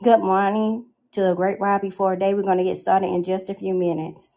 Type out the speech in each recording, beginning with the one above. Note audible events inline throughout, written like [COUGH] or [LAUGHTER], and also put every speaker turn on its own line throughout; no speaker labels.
Good morning to a great ride before a day. We're going to get started in just a few minutes.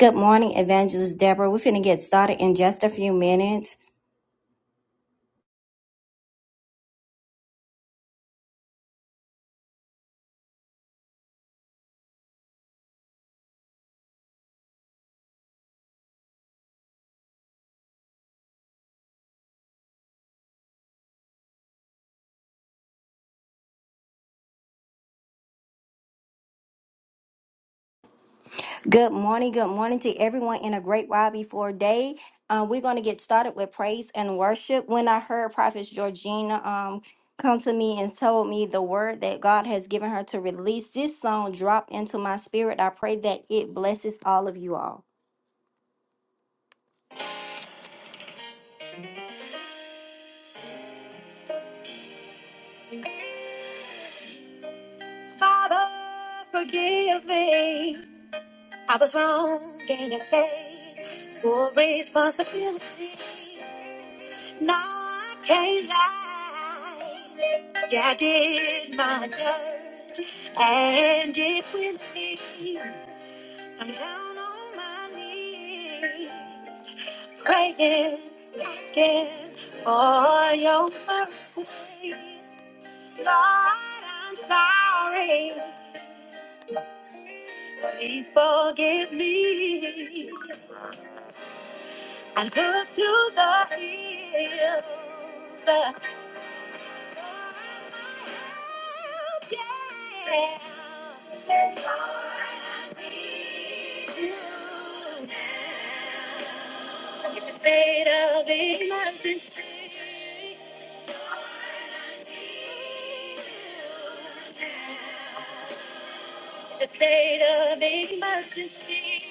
Good morning, Evangelist Deborah. We're going to get started in just a few minutes. Good morning, good morning to everyone in a great ride before day. Uh, we're going to get started with praise and worship. When I heard Prophet Georgina um, come to me and told me the word that God has given her to release, this song dropped into my spirit. I pray that it blesses all of you all. Father, forgive me. I was wrong Can I take full responsibility. No, I can't lie. Yeah, I did my dirt and it will me. I'm down on my knees, praying, asking for your mercy. Lord, I'm sorry. Please forgive me. I look to the hills. uh, Yeah. Lord, I need you now. It's a state of emergency. Lord, I need you now. It's a state of emergency.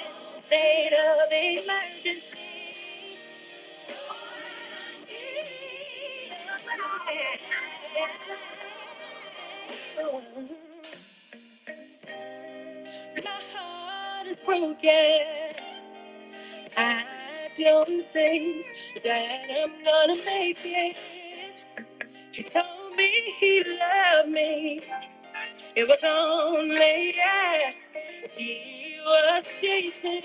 It's a state of emergency. My heart is broken. I don't think that I'm gonna make it. She told me he loved me. It was only yeah. He was chasing.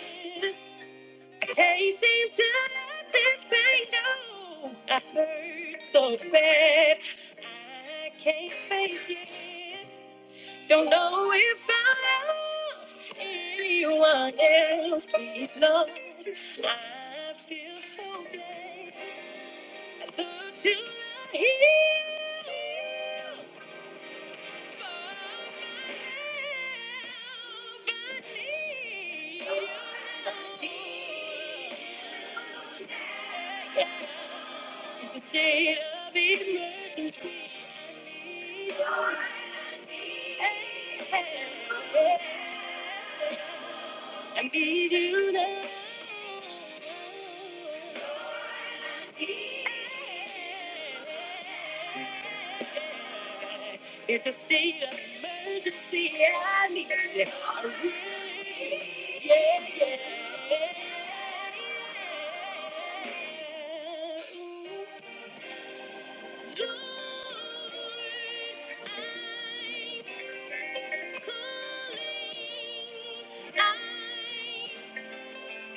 I can't seem to let this thing go. I hurt so bad. I can't fake it. Don't know if I love anyone else. Please, Lord, I feel so blessed. I look to the hills. It's a state Thank you. I need you now. Yeah. It's a state of emergency. I need you. I really, yeah, yeah. yeah. Lord, I'm calling. I'm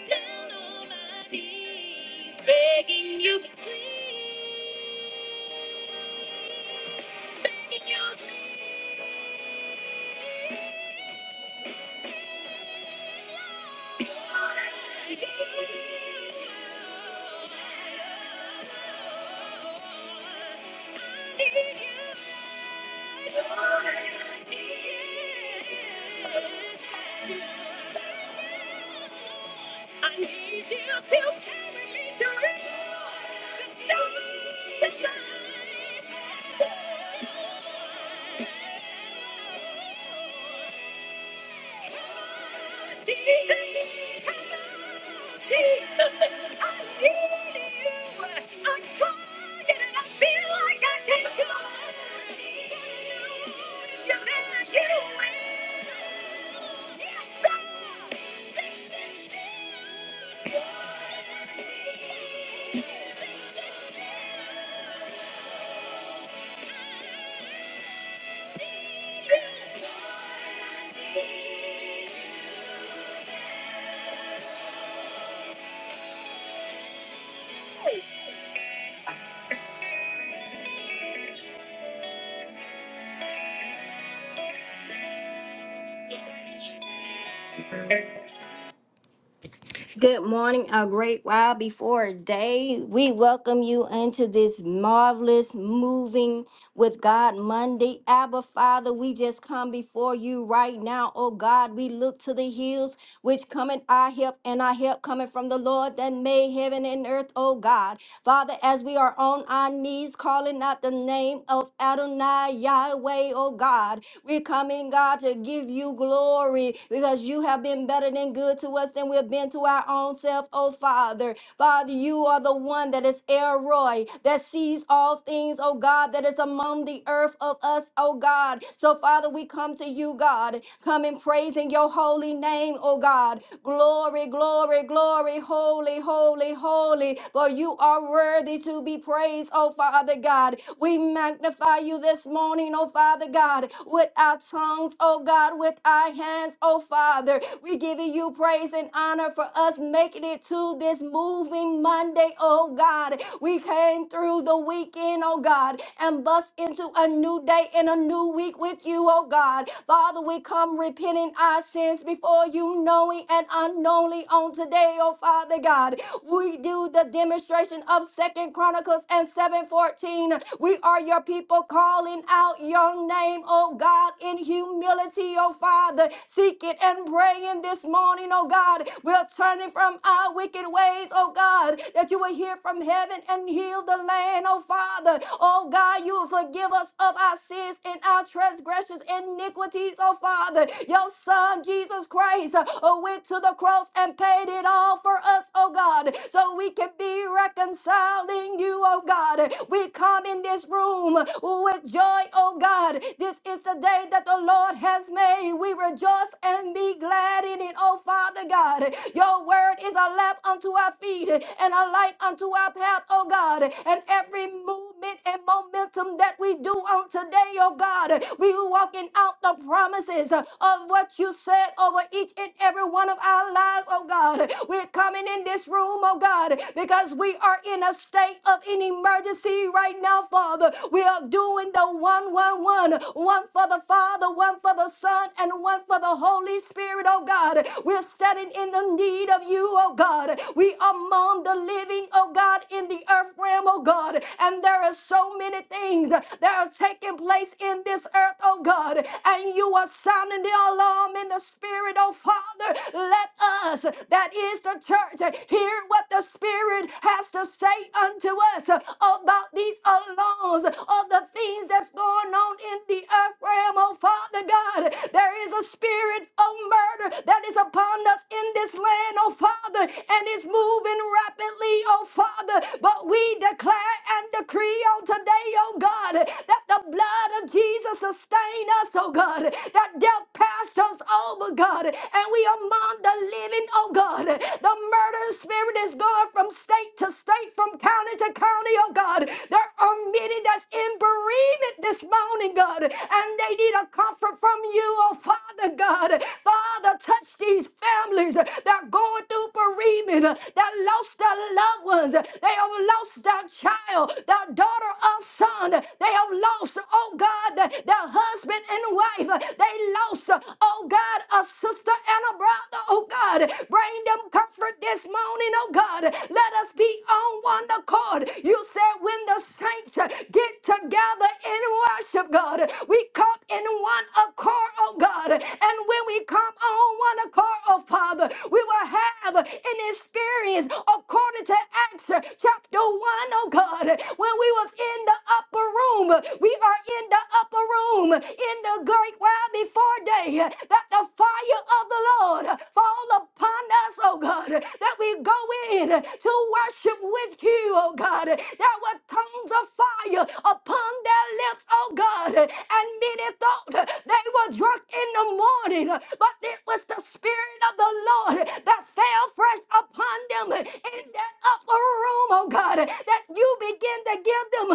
down on my knees, begging you, please, begging you, please, Lord, I need you. my Lord, I need you. I need you to carry me through the storm, the shine. I need you. I need you. I need you. Good morning, a great while before day. We welcome you into this marvelous moving with God Monday. Abba, Father, we just come before you right now. Oh God, we look to the hills which cometh our help, and our help coming from the Lord that made heaven and earth. Oh God, Father, as we are on our knees calling out the name of Adonai Yahweh. Oh God, we're coming, God, to give you glory glory because you have been better than good to us than we've been to our own self, oh Father. Father, you are the one that is Elroy, that sees all things, oh God, that is among the earth of us, oh God. So, Father, we come to you, God, come in praising your holy name, oh God. Glory, glory, glory, holy, holy, holy, for you are worthy to be praised, oh Father God. We magnify you this morning morning, oh Father God, with our tongues, oh God, with our hands, oh Father. We giving you praise and honor for us making it to this moving Monday, oh God. We came through the weekend, oh God, and bust into a new day and a new week with you, oh God. Father, we come repenting our sins before you, knowing and unknowingly on today, oh Father God. We do the demonstration of Second Chronicles. Chronicles and 7:14. We are your people calling out your name, oh God, in humility, oh Father. Seek it and praying this morning, oh God. We're turning from our wicked ways, oh God, that you will hear from heaven and heal the land, oh Father. Oh God, you will forgive us of our sins and our transgressions, iniquities, oh Father. Your Son, Jesus Christ, uh, went to the cross and paid it all for us, oh God, so we can be reconciling you, oh God. We come in this room with joy, oh God. This is the day that the Lord has made. We rejoice and be glad in it, oh Father God. Your word is a lamp unto our feet and a light unto our path, oh God. And every movement and momentum that we do on today, oh God, we walking out the promises of what you said over each and every one of lives, oh God. We're coming in this room, oh God, because we are in a state of an emergency right now, Father. We are doing the one, one, one, one for the Father, one for the Son, and one for the Holy Spirit, oh God. We're standing in the need of you, oh God. We are among the living, oh God, in the earth realm, oh God. And there are so many things that are taking place in this earth, oh God. And you are sounding the alarm in the spirit, oh Father. Let us, that is the church, hear what the Spirit has to say unto us about these these alarms of the things that's going on in the earth realm, oh Father God. There is a spirit of murder that is upon us in this land, oh Father, and it's moving rapidly, oh Father. But we declare and decree on today, oh God, that the blood of Jesus sustain us, oh God, that death passed us over, God, and we are among the living, oh God. The murder spirit is going from state to state, from county to county county, oh God. There are many that's in bereavement this morning, God, and they need a comfort from you, oh Father God. Father, touch these families that are going through bereavement, that lost their loved ones, they have lost their child, their daughter or son, they have lost, oh God, their husband and wife, they lost, oh oh God, a sister and a brother, oh God. Bring them comfort this morning, oh God. Let us be on one accord. You said when the saints get together in worship, God, we come in one accord, oh God. And when we come on one accord, oh Father, we will have an experience according to Acts chapter 1, oh God. When we was in the upper room, we are in the upper room in the great while before day that the fire of the Lord fall upon us, oh God, that we go in to worship with you, oh God. There were tongues of fire upon their lips, oh God, and many thought they were drunk in the morning, but it was the Spirit of the Lord that fell fresh upon them in that upper room, oh God, that you begin to give them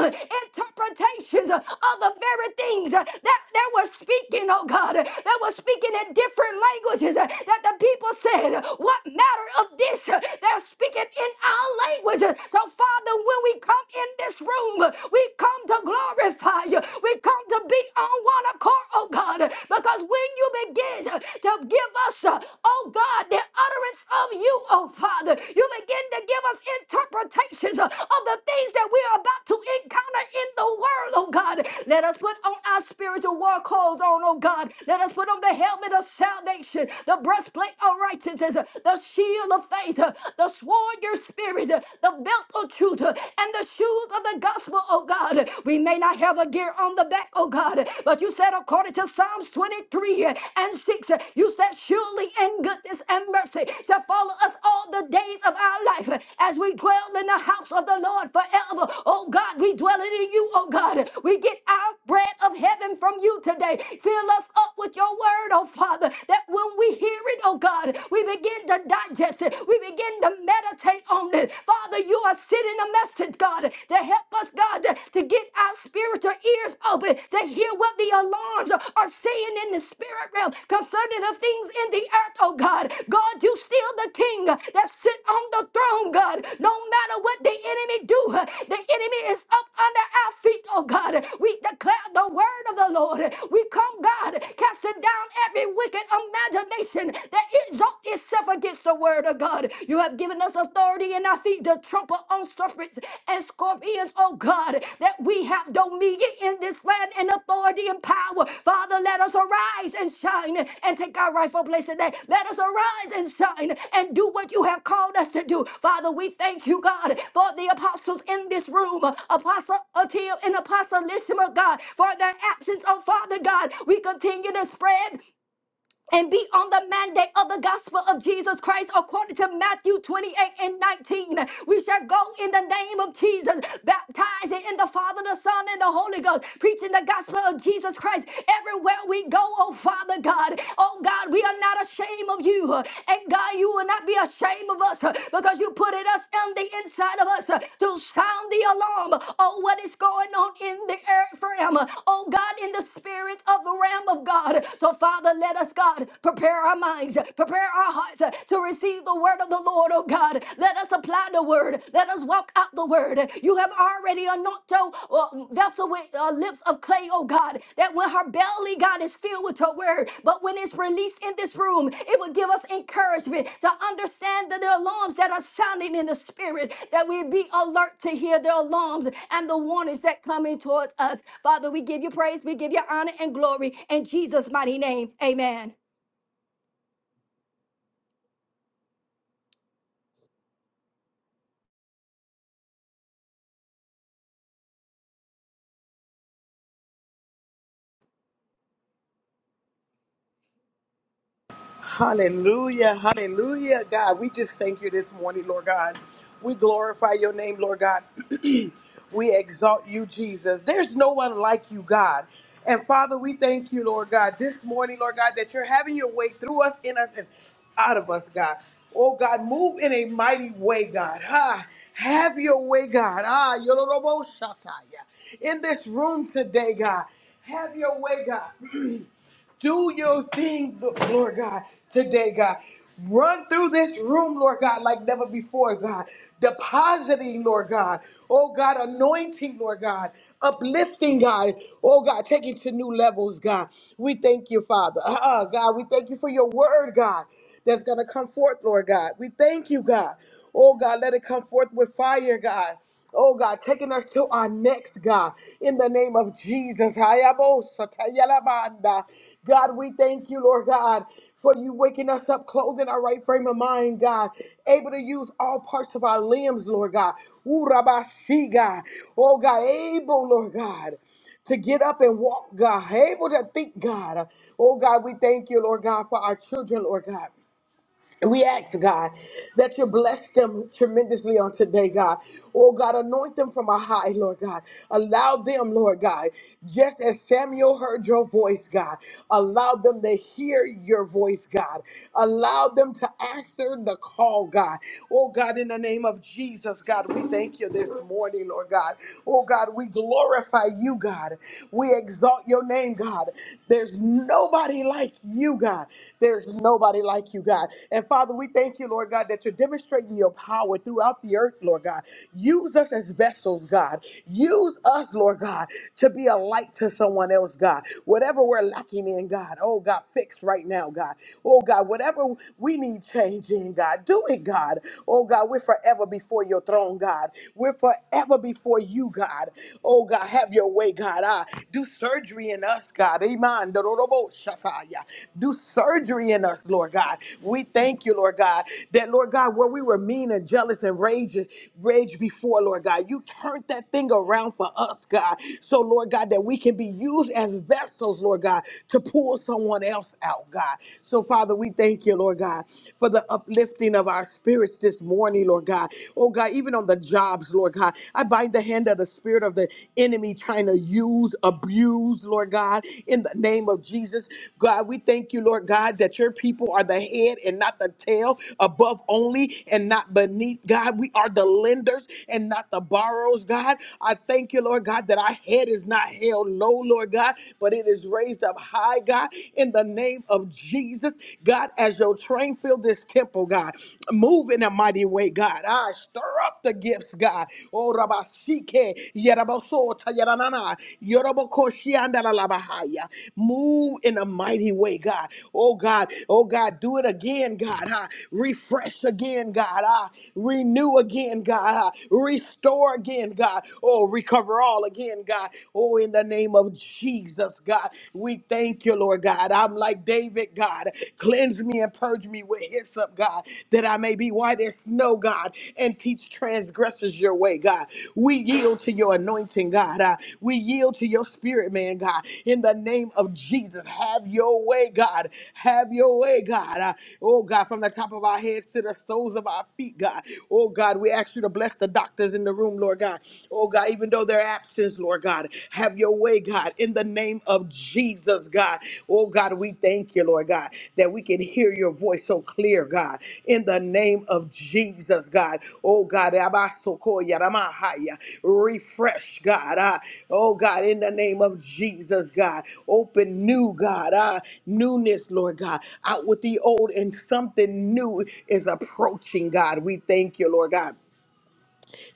interpretations of the very things that they were speaking, oh God. They were speaking speaking in different languages uh, that the people said, uh, What matter of this? Uh, They're speaking in our language. Uh, So, Father, when we come in this room, uh, we come to glorify you. We come to be on one accord, oh God, uh, because when you begin uh, to give us, uh, oh God, the utterance of you, oh Father, you begin to give us interpretations uh, of the things that we are about to encounter in the world, oh God. Let us put on our spiritual war clothes on, oh God. Let us put on the helmet helmet of salvation, the breastplate of righteousness, uh, the shield of faith, uh, the sword of your spirit, uh, the belt of truth, uh, and the shoes of the gospel, oh God. We may not have a gear on the back, oh God, but you said according to Psalms 23 uh, and 6, uh, you said surely in goodness and mercy shall follow us all the days of our life uh, as we dwell in the house of the Lord forever. Oh God, we dwell in you, oh God. We get our bread of heaven from you today. Fill us up with your word word, oh Father, that when we hear it, oh God, we begin to digest it. We begin to meditate on it. Father, you are sending a message, God, to help us, God, to, to get our spiritual ears open, to hear what the alarms are, are saying in the spirit realm concerning the things in the earth, oh God. God, you still the king that sit on the throne, God. No matter what the enemy do, the enemy is up under our feet, oh God. We declare the word of the Lord. We come, God, casting down every wicked imagination that exalts itself against the word of God. You have given us authority in our feet to trample on serpents and scorpions, oh God, that we have dominion in this land and authority and power. Father, let us arise and shine and take our rightful place today. Let us arise and shine and do what you have called us to do. Father, we thank you, God, for the apostles in this room, Apostle Atil and Apostle Lishima, God, for their absence, oh Father God. We continue to spread and be on the mandate of the gospel of Jesus Christ according to Matthew 28 and 19. We shall go in the name of Jesus, baptizing in the Father, the Son, and the Holy Ghost, preaching the gospel of Jesus Christ everywhere we go, oh Father God. Oh God, we are not ashamed of you. And God, you will not be ashamed of us because you put it us on the inside of us to sound the alarm oh what is going on in the earth realm. Oh God, in the spirit of the realm of God. So Father, let us God. God. Prepare our minds, prepare our hearts uh, to receive the word of the Lord, oh God. Let us apply the word, let us walk out the word. You have already anointed your uh, vessel with uh, lips of clay, oh God, that when her belly, God, is filled with your word, but when it's released in this room, it will give us encouragement to understand that the alarms that are sounding in the spirit, that we be alert to hear the alarms and the warnings that coming towards us. Father, we give you praise, we give you honor and glory in Jesus' mighty name. Amen.
Hallelujah. Hallelujah. God, we just thank you this morning, Lord God. We glorify your name, Lord God. [CLEARS THROAT] we exalt you, Jesus. There's no one like you, God. And Father, we thank you, Lord God, this morning, Lord God, that you're having your way through us, in us, and out of us, God. Oh God, move in a mighty way, God. Ah, have your way, God. Ah, yororoboshataya. in this room today, God. Have your way, God. [CLEARS THROAT] Do your thing, Lord God, today, God. Run through this room, Lord God, like never before, God. Depositing, Lord God. Oh, God, anointing, Lord God. Uplifting, God. Oh, God, taking to new levels, God. We thank you, Father. Uh-uh, God, we thank you for your word, God, that's going to come forth, Lord God. We thank you, God. Oh, God, let it come forth with fire, God. Oh God, taking us to our next God in the name of Jesus. Hayabosatayalabanda. God, we thank you, Lord God, for you waking us up, clothing our right frame of mind, God, able to use all parts of our limbs, Lord God. Urabashi, God. Oh God, able, Lord God to get up and walk, God, able to think, God. Oh, God, we thank you, Lord God, for our children, Lord God. We ask, God, that you bless them tremendously on today, God. Oh, God, anoint them from a high, Lord God. Allow them, Lord God, just as Samuel heard your voice, God, allow them to hear your voice, God. Allow them to answer the call, God. Oh, God, in the name of Jesus, God, we thank you this morning, Lord God. Oh, God, we glorify you, God. We exalt your name, God. There's nobody like you, God. There's nobody like you, God. And Father, we thank you, Lord God, that you're demonstrating your power throughout the earth, Lord God. Use us as vessels, God. Use us, Lord God, to be a light to someone else, God. Whatever we're lacking in, God, oh God, fix right now, God. Oh God, whatever we need change in, God, do it, God. Oh God, we're forever before your throne, God. We're forever before you, God. Oh God, have your way, God. Ah, do surgery in us, God. Iman, dororobo, shakaya. Do surgery in us, Lord God. We thank you, Lord God, that, Lord God, where we were mean and jealous and rage, rage before, Lord God, you turned that thing around for us, God. So, Lord God, that we can be used as vessels, Lord God, to pull someone else out, God. So, Father, we thank you, Lord God, for the uplifting of our spirits this morning, Lord God. Oh, God, God, even on the jobs, Lord God. I bind the hand of the spirit of the enemy trying to use, abuse, Lord God, in the name of Jesus. God, we thank you, Lord God, that your people are the head and not the tail, above only and not beneath. God, we are the lenders and not the borrowers, God. I thank you, Lord God, that our head is not held low, Lord God, but it is raised up high, God, in the name of Jesus. God, as your train fills fill this temple, God. Move in a mighty way, God. I stir up the gifts, God. Oh, Rabashike, Yerabasota, Yeranana, Yorabakoshiandalabahaya. Move in a mighty way, God. Oh, God. Oh, God. Do it again, God. Ah, refresh again, God. Ah, renew again, God. Ah, restore again, God. Oh, recover all again, God. Oh, in the name of Jesus, God. We thank thank you, Lord God. I'm like David, God. Cleanse me and purge me with hyssop, God, that I may be white as snow, God, and teach transgressors your way, God. We yield to your anointing, God. Uh, we yield to your spirit, man, God. In the name of Jesus, have your way, God. Have your way, God. Uh, oh, God, from the top of our heads to the soles of our feet, God. Oh, God, we ask you to bless the doctors in the room, Lord God. Oh, God, even though they're absent, churches, Lord God. Have your way, God, in the name of Jesus, God. Oh, God, we thank you, Lord God, that we can hear your voice so clear, God, in the name of Jesus, God. Oh, God, Abasokoya Ramahaya. refresh, God. Ah, oh, God, in the name of Jesus, God. Open new, God. Ah, newness, Lord God. Out with the old and something new is approaching, God. We thank you, Lord God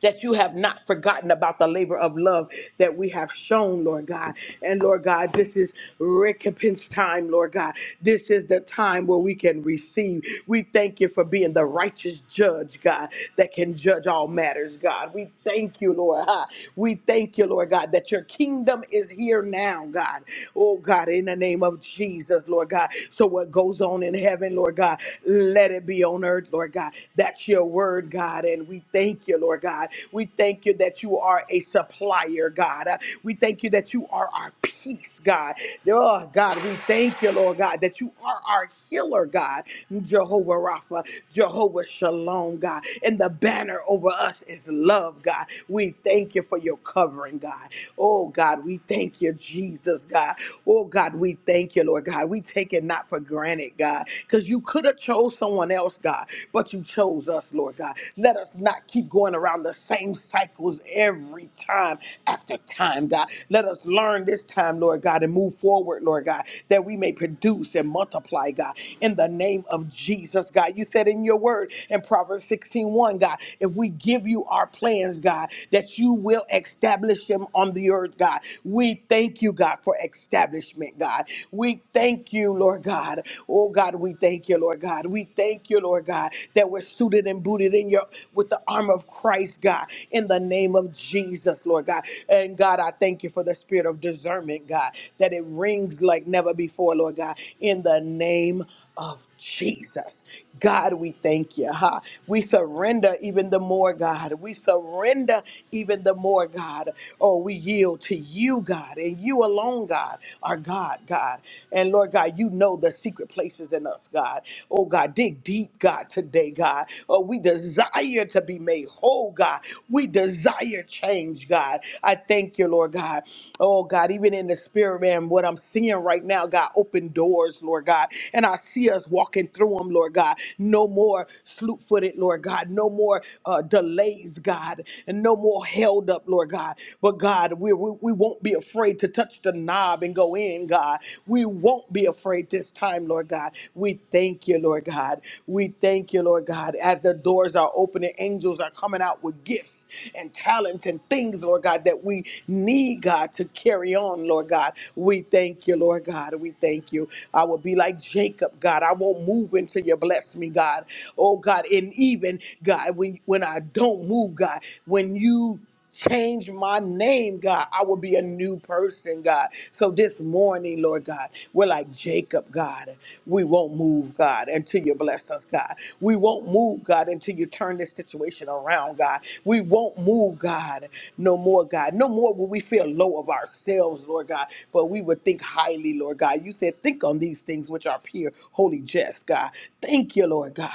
that you have not forgotten about the labor of love that we have shown, Lord God. And Lord God, this is recompense time, Lord God. This is the time where we can receive. We thank you for being the righteous judge, God, that can judge all matters, God. We thank you, Lord. Ah, We thank you, Lord God, that your kingdom is here now, God. Oh, God, in the name of Jesus, Lord God. So what goes on in heaven, Lord God, let it be on earth, Lord God. That's your word, God. God. And we thank you, Lord God. We thank you that you are a supplier, God. Uh, We thank you that you are our peace, God. Oh, God, we thank you, Lord God, that you are our healer, God. Jehovah Rapha, Jehovah Shalom, God. And the banner over us is love, God. We thank you for your covering, God. Oh, God, we thank you, Jesus, God. Oh, God, we thank you, Lord God. We take it not for granted, God, because you could have chose someone else, God, but you chose us, Lord God. Let us not keep going around the same cycles every time after time, God. Let us learn this time, Lord God, and move forward, Lord God, that we may produce and multiply, God, in the name of Jesus, God. You said in your word in Proverbs sixteen one, God, if we give you our plans, God, that you will establish them on the earth, God. We thank you, God, for establishment, God. We thank you, Lord God. Oh, God, we thank you, Lord God. We thank you, Lord God, that we're suited and booted in your with the armor of Christ, God, in the name of Jesus, Lord God. And God, I thank you for the spirit of discernment, God, that it rings like never before, Lord God, in the name of Jesus. God, we thank you. Huh? We surrender even the more, God. We surrender even the more, God. Oh, we yield to you, God, and you alone, God, our God, God. And Lord God, you know the secret places and in us, God. Oh, God, dig deep, God, today, God. Oh, we desire to be made whole, God. We desire change, God. I thank you, Lord God. Oh, God, even in the spirit man, what I'm seeing right now, God, open doors, Lord God. And I see us walking through them, Lord God. No more slew footed, Lord God. No more uh, delays, God. And no more held up, Lord God. But God, we, we, we won't be afraid to touch the knob and go in, God. We won't be afraid afraid this time, Lord God. We thank you, Lord God. We thank you, Lord God. As the doors are opening, angels are coming out with gifts and talents and things, Lord God, that we need, God, to carry on, Lord God. We thank you, Lord God. We thank you. I will be like Jacob, God. I won't move until you bless me, God. Oh, God. And even, God, when, when I don't move, God, when you change my name, God. I will be a new person, God. So this morning, Lord God, we're like Jacob, God. We won't move, God, until you bless us, God. We won't move, God, until you turn this situation around, God. We won't move, God, no more, God. No more will we when we feel low of ourselves, Lord God, but we would think highly, Lord God. You said, think on these things which are pure, holy, just, God. Thank you, Lord God.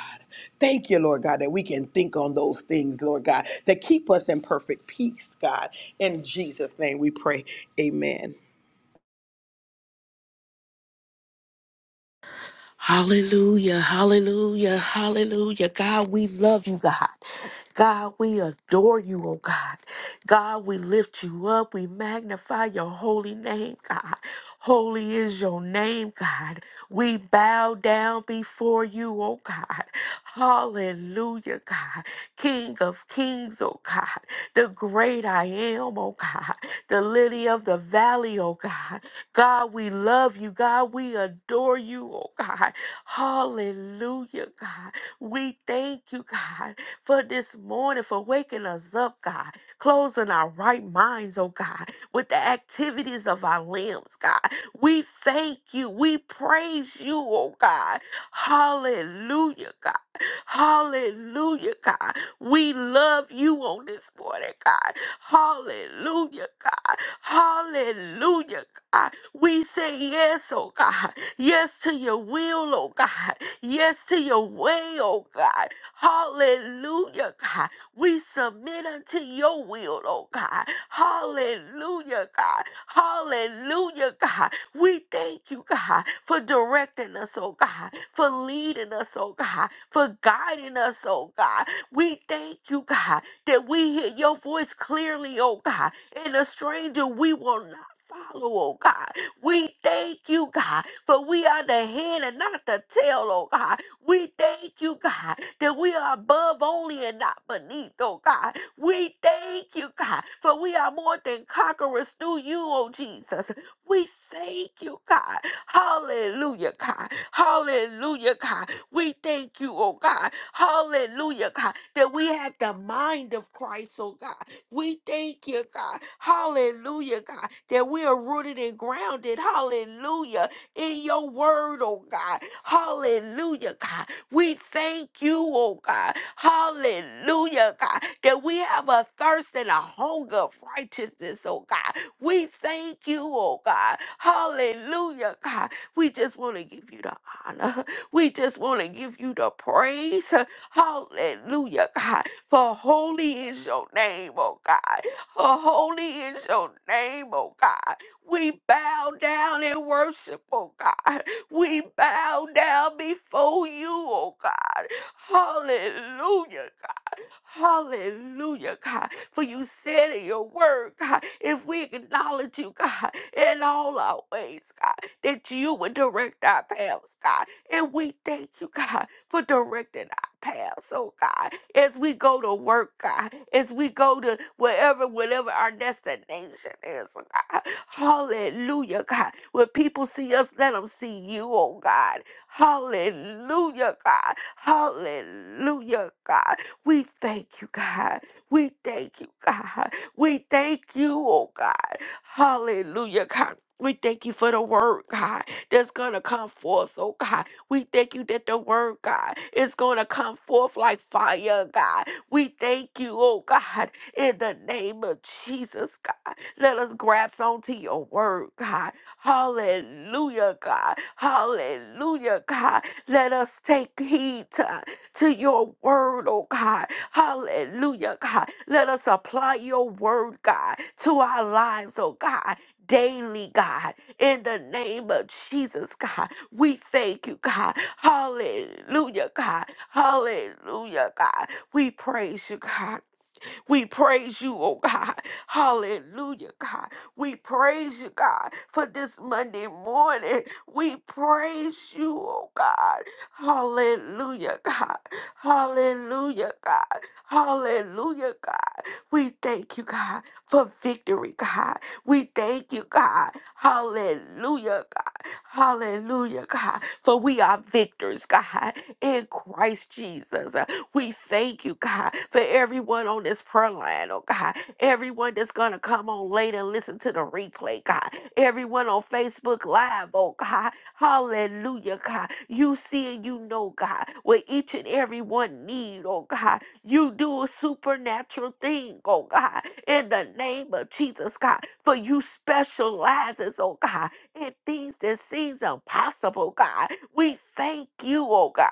Thank you, Lord God, that we can think on those things, Lord God, that keep us in perfect peace, God. In Jesus' name we pray. Amen.
Hallelujah, hallelujah, hallelujah. God, we love you, God. God, we adore you, oh God. God, we lift you up. We magnify your holy name, God. Holy is your name, God. We bow down before you, oh God. Hallelujah, God. King of kings, oh God. The great I am, oh God. The lily of the valley, oh God. God, we love you. God, we adore you, oh God. Hallelujah, God. We thank you, God, for this morning, for waking us up, God, closing our right minds, oh God, with the activities of our limbs, God. We thank you. We praise you, oh God. Hallelujah, God. Hallelujah, God. We love you on this morning, God. Hallelujah, God. Hallelujah, God. We say yes, oh God. Yes to your will, oh God. Yes to your way, oh God. Hallelujah, God. We submit unto your will, oh God. Hallelujah, God. Hallelujah, God. We thank you, God, for directing us, oh God, for leading us, oh God, for guiding us, oh God. We thank you, God, that we hear your voice clearly, oh God. And a stranger we will not follow, oh God. We thank you, God, for we are the head and not the tail, oh God. We thank you, God, that we are above only and not beneath, oh God. We thank you, God, for we are more than conquerors through you, oh Jesus. We thank you, God. Hallelujah, God. Hallelujah, God. We thank you, oh God. Hallelujah, God, that we have the mind of Christ, oh God. We thank you, God. Hallelujah, God, that we are rooted and grounded. Hallelujah. In your word, oh God. Hallelujah, God. We thank you, oh God. Hallelujah, God, that we have a thirst and a hunger of righteousness, oh God. We thank you, oh God. Hallelujah, God. We just want to give you the honor. We just want to give you the praise. Hallelujah, God. For holy is your name, oh God. For holy is your name, oh God. We bow down and worship, oh God. We bow down before you, oh God. Hallelujah. Hallelujah, God. For you said in your word, God, if we acknowledge you, God, in all our ways, God, that you would direct our paths, God. And we thank you, God, for directing our paths, oh God, as we go to work, God, as we go to wherever, whatever our destination is, oh God. Hallelujah, God. When people see us, let them see you, oh God. Hallelujah, God. Hallelujah, God. We thank you, God. We thank you, God. We thank you, oh God. Hallelujah, God. We thank you for the word, God, that's going to come forth, oh God. We thank you that the word, God, is going to come forth like fire, God. We thank you, oh God, in the name of Jesus, God. Let us grasp onto your word, God. Hallelujah, God. Hallelujah, God. Let us take heed to your word, oh God. Hallelujah, God. Let us apply your word, God, to our lives, oh God, daily, God. In the name of Jesus, God, we thank you, God. Hallelujah, God. Hallelujah, God. We praise you, God. We praise you, oh God. [LAUGHS] Hallelujah, God. We praise you, God, for this Monday morning. We praise you, oh God. Hallelujah, God. Hallelujah, God. Hallelujah, God. We thank you, God, for victory, God. We thank you, God. Hallelujah, Hallelujah, God. For we are victors, God, in Christ Jesus. Uh, We thank you, God, for everyone on this prayer line, oh God. Everyone that's going to come on later and listen to the replay, God. Everyone on Facebook Live, oh God. Hallelujah, God. You see and you know, God, what each and every one need, oh God. You do a supernatural thing, oh God, in the name of Jesus, God. For you specializes, oh God and things that seems impossible, God. We thank you, oh God.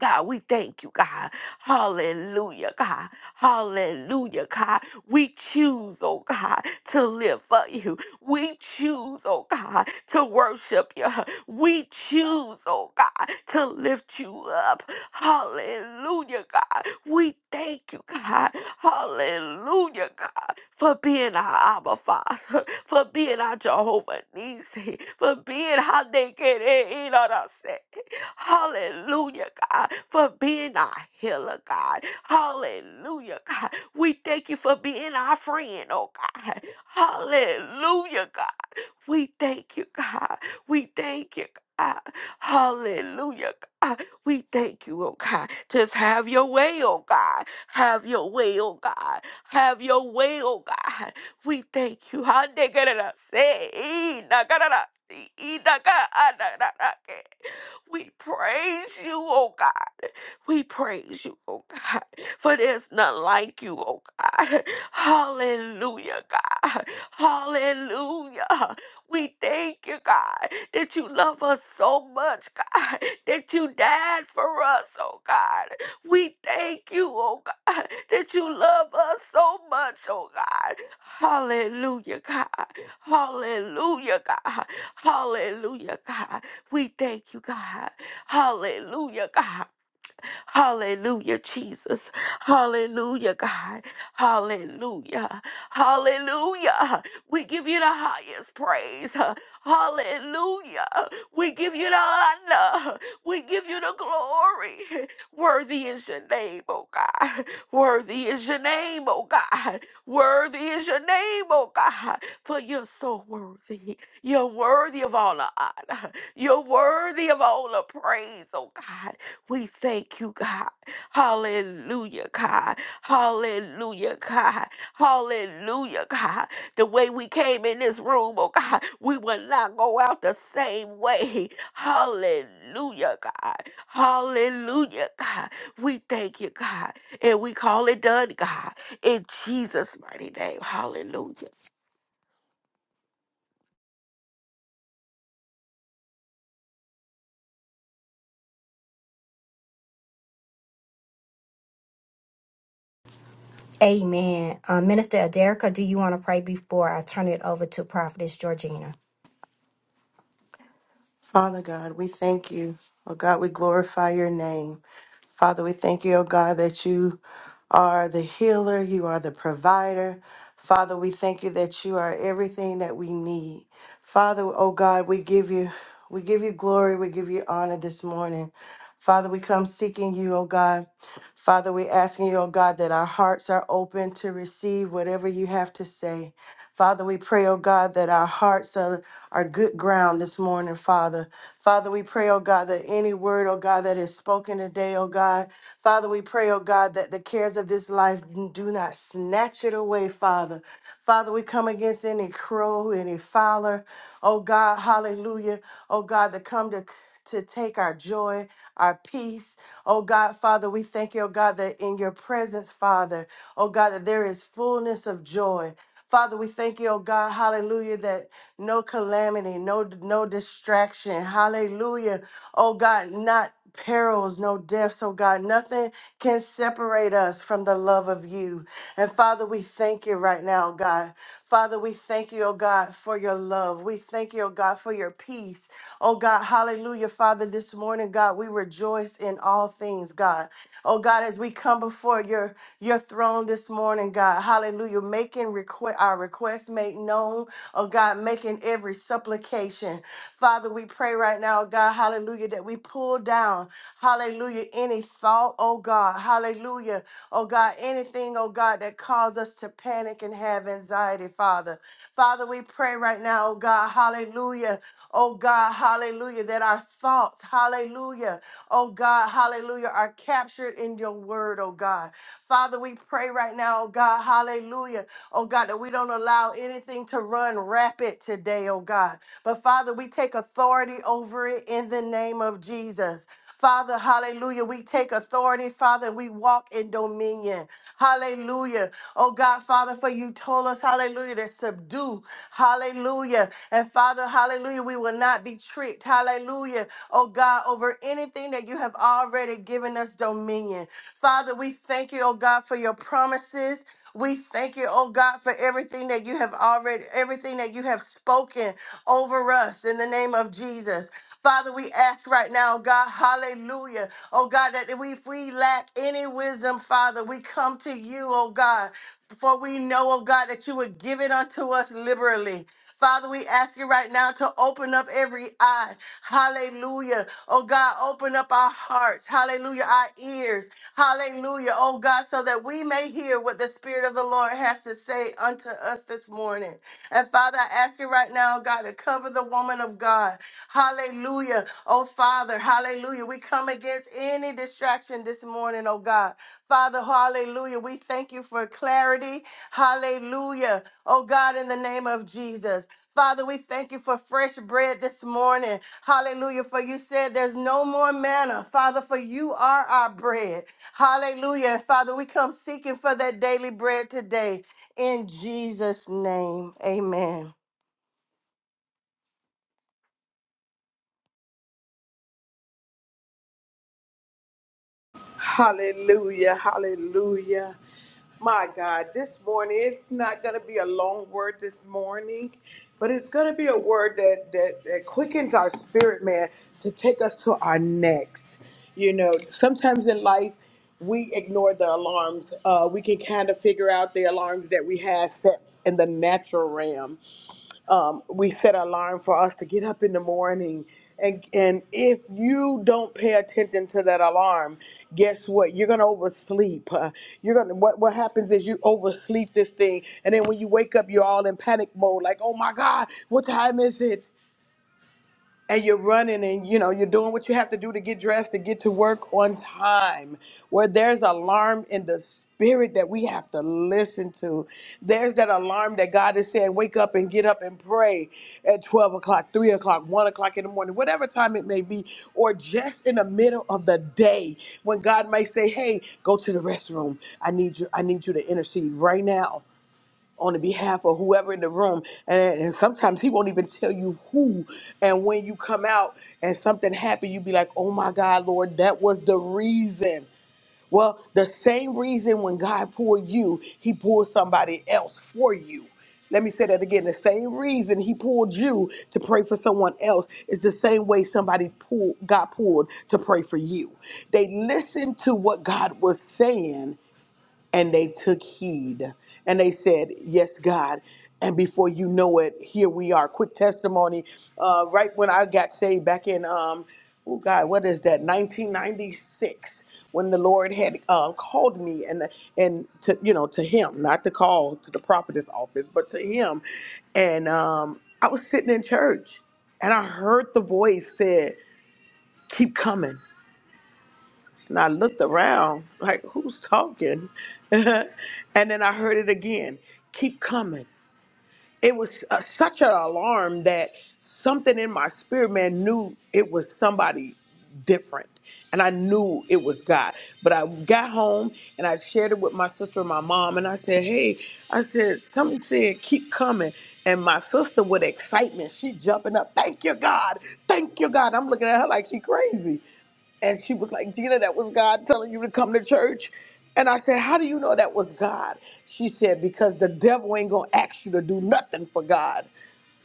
God, we thank you, God. Hallelujah, God. Hallelujah, God. We choose, oh God, to live for you. We choose, oh God, to worship you. We choose, oh God, to lift you up. Hallelujah, God. We thank you, God. Hallelujah, God, for being our Abba Father, for being our Jehovah Nisi, for being how they get it. Hallelujah, God, for being our healer, God. Hallelujah, God. We thank you for being our friend, oh God. Hallelujah, God. We thank you, God. We thank you, God. Hallelujah, God. We thank you, oh God. Just have your way, oh God. Have your way, oh God. Have your way, oh God. We thank you. Hande garara se, ee, na garara, ee, ga- ah, na- na- ke. We praise you, oh God. We praise you, oh God, for there's none like you, oh God. [LAUGHS] Hallelujah, God. Hallelujah. We thank you, God, that you love us so much, God, that you died for us, oh God. We thank you, oh God, that you love us so much, oh God. Hallelujah, God. Hallelujah, God. Hallelujah, God. We thank you, God. Hallelujah, God. Hallelujah, Jesus. Hallelujah, God. Hallelujah. Hallelujah. We give you the highest praise. Hallelujah. We give you the honor. We give you the glory. Worthy is your name, oh God. Worthy is your name, oh God. Worthy is your name, oh God. For you're so worthy. You're worthy of all the honor. You're worthy of all the praise, oh God. We thank you, God. Hallelujah, God. Hallelujah, God. Hallelujah, God. The way we came in this room, oh God, we will not go out the same way. Hallelujah, God. Hallelujah, God. We thank you, God. And we call it done, God. In Jesus' mighty name. Hallelujah.
Amen. Uh, Minister Aderica, do you want to pray before I turn it over to Prophetess Georgina?
Father God, we thank you. Oh God, we glorify your name. Father, we thank you, oh God, that you are the healer, you are the provider. Father, we thank you that you are everything that we need. Father, oh God, we give you we give you glory, we give you honor this morning. Father, we come seeking you, oh God. Father, we asking you, oh God, that our hearts are open to receive whatever you have to say. Father, we pray, oh God, that our hearts are, are good ground this morning, Father. Father, we pray, oh God, that any word, oh God, that is spoken today, oh God. Father, we pray, oh God, that the cares of this life do not snatch it away, Father. Father, we come against any crow, any fowler, oh God, hallelujah, oh God, that come to to take our joy, our peace. Oh God, Father, we thank you, oh God, that in your presence, Father, oh God, that there is fullness of joy. Father, we thank you, oh God, hallelujah, that no calamity, no no distraction, hallelujah, oh God, not perils, no deaths, oh God, nothing can separate us from the love of you. And Father, we thank you right now, oh God. Father, we thank you, oh God, for your love. We thank you, oh God, for your peace. Oh God, hallelujah, Father, this morning, God, we rejoice in all things things, God. Oh God, as we come before your your throne this morning, God, hallelujah, making request our requests made known, oh God, making every supplication. Father, we pray right now, God, hallelujah, that we pull down, hallelujah, any thought, oh God, hallelujah, oh God, anything, oh God, that caused us to panic and have anxiety, Father. Father, we pray right now, oh God. God, hallelujah. Oh God, hallelujah. That our thoughts, hallelujah. Oh God, hallelujah, are captured in your word, oh God. Father, we pray right now, oh God, hallelujah. Oh God, that we don't allow anything to run rapid today, oh God. But Father, we take authority over it in the name of Jesus. Father, hallelujah. We take authority, Father, and we walk in dominion. Hallelujah. Oh God, Father, for you told us, hallelujah, to subdue. Hallelujah. And Father, hallelujah, we will not be tricked. Hallelujah. Oh God, over anything that you have already given us dominion. Father, we thank you, oh God, for your promises. We thank you, oh God, for everything that you have already, everything that you have spoken over us in the name of Jesus. Father, we ask right now, God, hallelujah. Oh God, that we, if we lack any wisdom, Father, we come to you, oh God. For we know, oh God, that you would give it unto us liberally. Father, we ask you right now to open up every eye. Hallelujah. Oh God, open up our hearts. Hallelujah. Our ears. Hallelujah. Oh God, so that we may hear what the Spirit of the Lord has to say unto us this morning. And Father, I ask you right now, God, to cover the woman of God. Hallelujah. Oh, Father, hallelujah. We come against any distraction this morning, oh God. Father, hallelujah. We thank you for clarity. Hallelujah. Oh God, in the name of Jesus. Father, we thank you for fresh bread this morning. Hallelujah. For you said there's no more manna. Father, for you are our bread. Hallelujah. Father, we come seeking for that daily bread today. In Jesus' name, amen.
Hallelujah, hallelujah. My God, this morning it's not going to be a long word this morning, but it's going to be a word that, that that quickens our spirit, man, to take us to our next. You know, sometimes in life we ignore the alarms. Uh, we can kind of figure out the alarms that we have set in the natural realm, um, we set an alarm for us to get up in the morning and and if you don't pay attention to that alarm guess what you're gonna oversleep Uh, you're gonna what, what happens is you oversleep this thing and then when you wake up you're all in panic mode like oh my god what time is it and you're running and you know you're doing what you have to do to get dressed to get to work on time where there's alarm in the spirit that we have to listen to there's that alarm that god is saying wake up and get up and pray at 12 o'clock 3 o'clock 1 o'clock in the morning whatever time it may be or just in the middle of the day when god may say hey go to the restroom i need you i need you to intercede right now on the behalf of whoever in the room and, and sometimes he won't even tell you who and when you come out and something happened you be like oh my god lord that was the reason well the same reason when god poured you he poured somebody else for you let me say that again. The same reason he pulled you to pray for someone else is the same way somebody pulled, got pulled to pray for you. They listened to what God was saying and they took heed and they said, Yes, God. And before you know it, here we are. Quick testimony. Uh, right when I got saved back in, um, oh God, what is that, 1996? When the Lord had uh, called me and and to you know to Him, not to call to the prophetess office, but to Him, and um, I was sitting in church and I heard the voice said, "Keep coming." And I looked around, like, who's talking? [LAUGHS] and then I heard it again keep coming. It was uh, such an alarm that something in my spirit man knew it was somebody different. And I knew it was God. But I got home and I shared it with my sister and my mom. And I said, hey, I said, something said, keep coming. And my sister, with excitement, she jumping up, thank you, God, thank you, God. I'm looking at her like she crazy. And she was like, Gina, that was God telling you to come to church. And I said, How do you know that was God? She said, Because the devil ain't going to ask you to do nothing for God,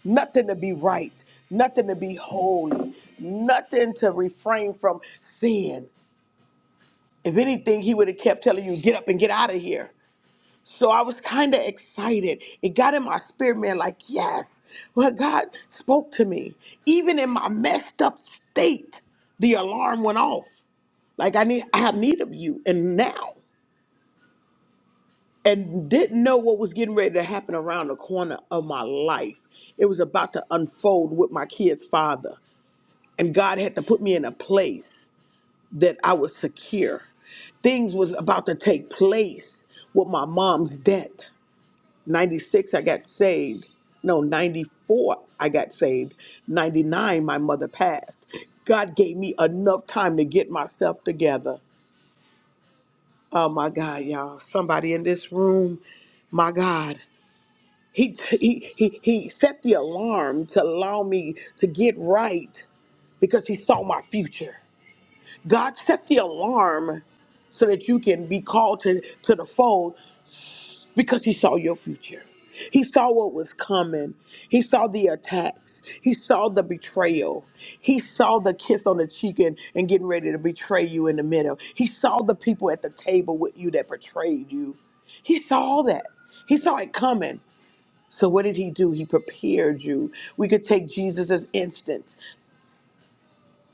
nothing to be right, nothing to be holy, nothing to refrain from sin. If anything, he would have kept telling you, Get up and get out of here. So I was kind of excited. It got in my spirit, man, like, Yes, well, God spoke to me. Even in my messed up state, the alarm went off. Like I need I have need of you and now. And didn't know what was getting ready to happen around the corner of my life. It was about to unfold with my kid's father. And God had to put me in a place that I was secure. Things was about to take place with my mom's death. 96 I got saved. No, 94 I got saved. 99 my mother passed. God gave me enough time to get myself together Oh my God, y'all! Somebody in this room, my God, he he he he set the alarm to allow me to get right because he saw my future. God set the alarm so that you can be called to to the fold because he saw your future. He saw what was coming. He saw the attacks. He saw the betrayal. He saw the kiss on the cheek and, and getting ready to betray you in the middle. He saw the people at the table with you that betrayed you. He saw all that. He saw it coming. So what did he do? He prepared you. We could take Jesus as instance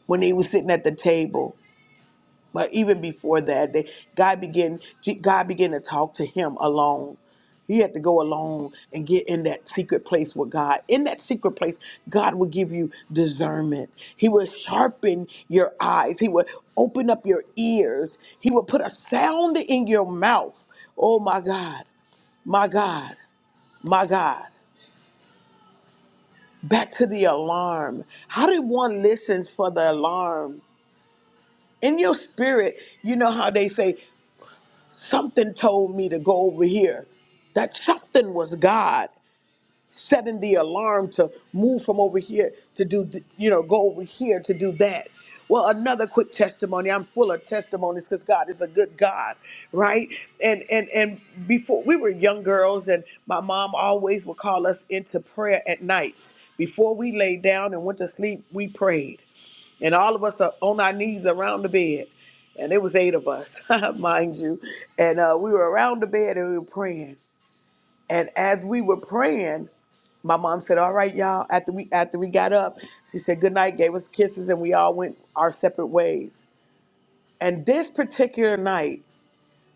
when he was sitting at the table. But even before that, they, God began God began to talk to him alone. He had to go alone and get in that secret place with God. In that secret place, God will give you discernment. He will sharpen your eyes. He will open up your ears. He will put a sound in your mouth. Oh my God, my God, my God. Back to the alarm. How did one listens for the alarm? In your spirit, you know how they say Something told me to go over here. That something was God setting the alarm to move from over here to do, th- you know, go over here to do that. Well, another quick testimony. I'm full of testimonies because God is a good God, right? And and and before we were young girls, and my mom always would call us into prayer at night. Before we lay down and went to sleep, we prayed and all of us are on our knees around the bed. And it was eight of us, [LAUGHS] mind you. And uh, we were around the bed and we were praying. And as we were praying, my mom said, "All right, y'all." After we after we got up, she said good night, gave us kisses, and we all went our separate ways. And this particular night,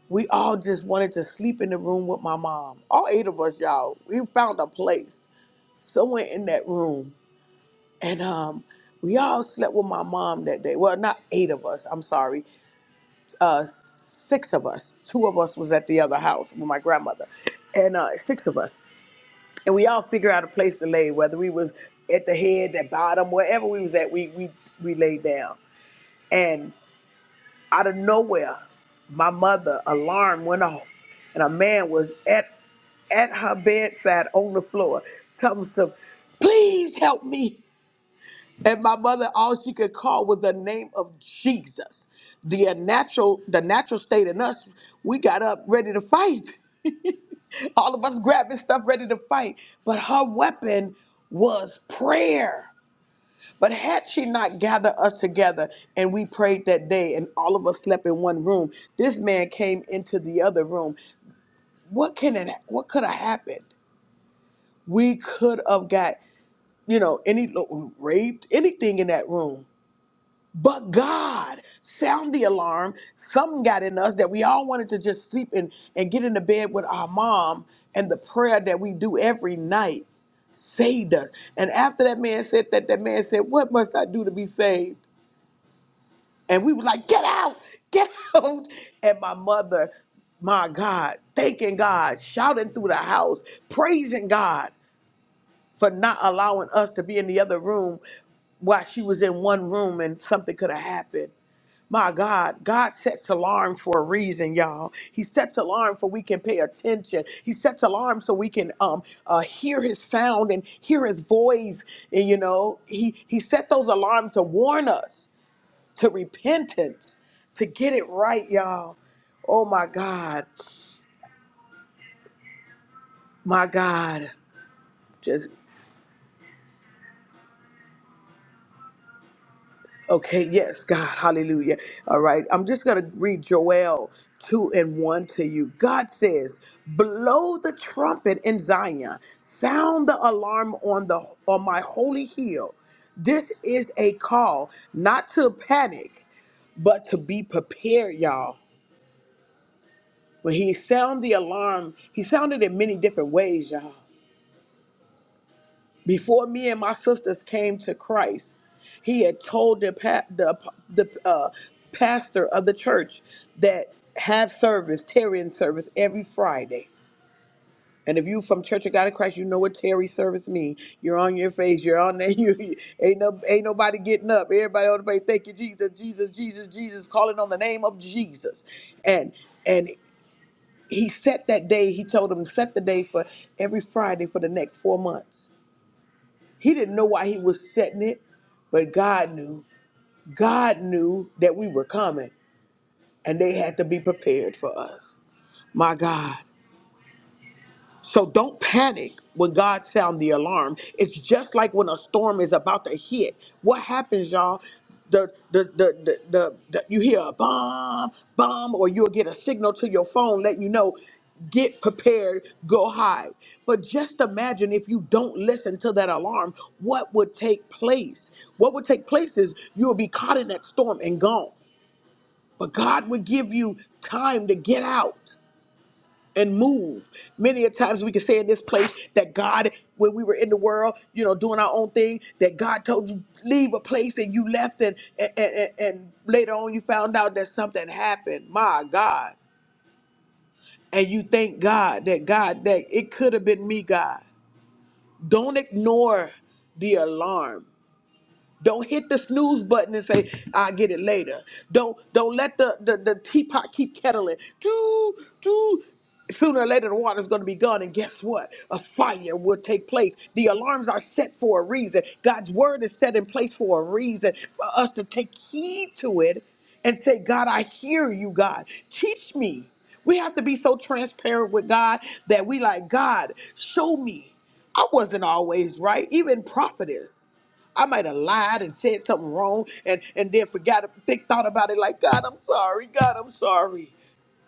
we all just wanted to sleep in the room with my mom. All eight of us, y'all. We found a place somewhere in that room and um, we all slept with my mom that day. Well, not eight of us. I'm sorry, uh, six of us. Two of us was at the other house with my grandmother, and uh, six of us. And we all figured out a place to lay, whether we was at the head, the bottom, wherever we was at, we we we laid down. And out of nowhere, my mother alarm went off, and a man was at at her bedside on the floor, comes some. please help me. And my mother, all she could call was the name of Jesus. The uh, natural, the natural state in us, we got up ready to fight. [LAUGHS] all of us grabbing stuff ready to fight. But her weapon was prayer. But had she not gathered us together and we prayed that day and all of us slept in one room, this man came into the other room. What can it what could have happened? We could have got, you know, any raped, anything in that room. But God sound the alarm. Something got in us that we all wanted to just sleep and, and get into bed with our mom. And the prayer that we do every night saved us. And after that man said that, that man said, What must I do to be saved? And we were like, Get out, get [LAUGHS] out. And my mother, my God, thanking God, shouting through the house, praising God for not allowing us to be in the other room while she was in one room and something could have happened. My God, God sets alarms for a reason, y'all. He sets alarm for we can pay attention. He sets alarm so we can um uh, hear His sound and hear His voice. And you know, He He set those alarms to warn us to repentance, to get it right, y'all. Oh my God, my God. just. Okay, yes, God, hallelujah. All right, I'm just going to read Joel 2 and 1 to you. God says, Blow the trumpet in Zion, sound the alarm on, the, on my holy hill. This is a call not to panic, but to be prepared, y'all. When he sounded the alarm, he sounded in many different ways, y'all. Before me and my sisters came to Christ, he had told the pa- the, the uh, pastor of the church that have service, Terry in service every Friday. And if you from Church of God in Christ, you know what Terry service means. You're on your face. You're on there. [LAUGHS] You you- ain't no ain't nobody getting up. Everybody on the face. Thank you, Jesus, Jesus, Jesus, Jesus, calling on the name of Jesus. And and he set that day. He told them set the day for every Friday for the next four months he didn't know why he was setting it, but God knew. God knew that we were coming and they had to be prepared for us. My God. So don't panic when God sound the alarm. It's just like when a storm is about to hit. What happens, y'all? The the the the, the, the you hear a bomb, bomb, or you'll get a signal to your phone letting you know get prepared, go hide. But just imagine if you don't listen to that alarm, what would take place? What would take place is you'll be caught in that storm and gone. But God would give you time to get out and move. Many a times we can say in this place that God, when we were in the world, you know, doing our own thing, that God told you leave a place and you left, and and, and, and later on you found out that something happened. My God, and you thank God that God that it could have been me, God. Don't ignore the alarm. Don't hit the snooze button and say, I'll get it later. Don't don't let the, the, the teapot keep kettling. Do, do. Sooner or later, the water's going to be gone, and guess what? A fire will take place. The alarms are set for a reason. God's word is set in place for a reason for us to take heed to it and say, God, I hear you, God. Teach me. We have to be so transparent with God that we like, God, show me. I wasn't always right, even prophetess. I might have lied and said something wrong and, and then forgot, think, thought about it like, God, I'm sorry. God, I'm sorry.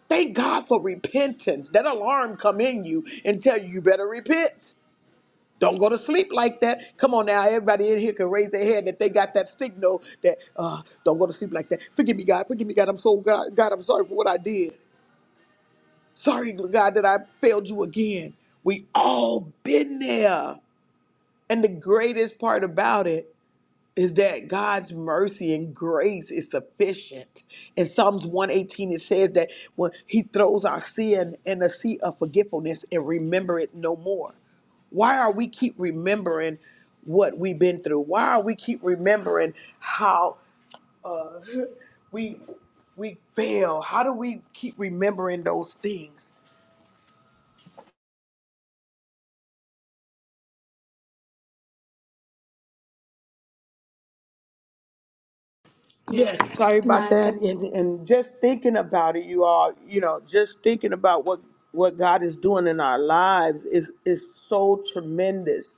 Thank God for repentance. That alarm come in you and tell you you better repent. Don't go to sleep like that. Come on now, everybody in here can raise their hand that they got that signal that uh, don't go to sleep like that. Forgive me, God. Forgive me, God. I'm so God. God, I'm sorry for what I did. Sorry, God, that I failed you again. We all been there, and the greatest part about it is that God's mercy and grace is sufficient. In Psalms 118, it says that when He throws our sin in a sea of forgetfulness and remember it no more. Why are we keep remembering what we've been through? Why are we keep remembering how we we fail? How do we keep remembering those things? Yes, sorry about
My
that.
God.
And and just thinking about it, you all, you know, just thinking about what what God is doing in our lives is is so tremendous.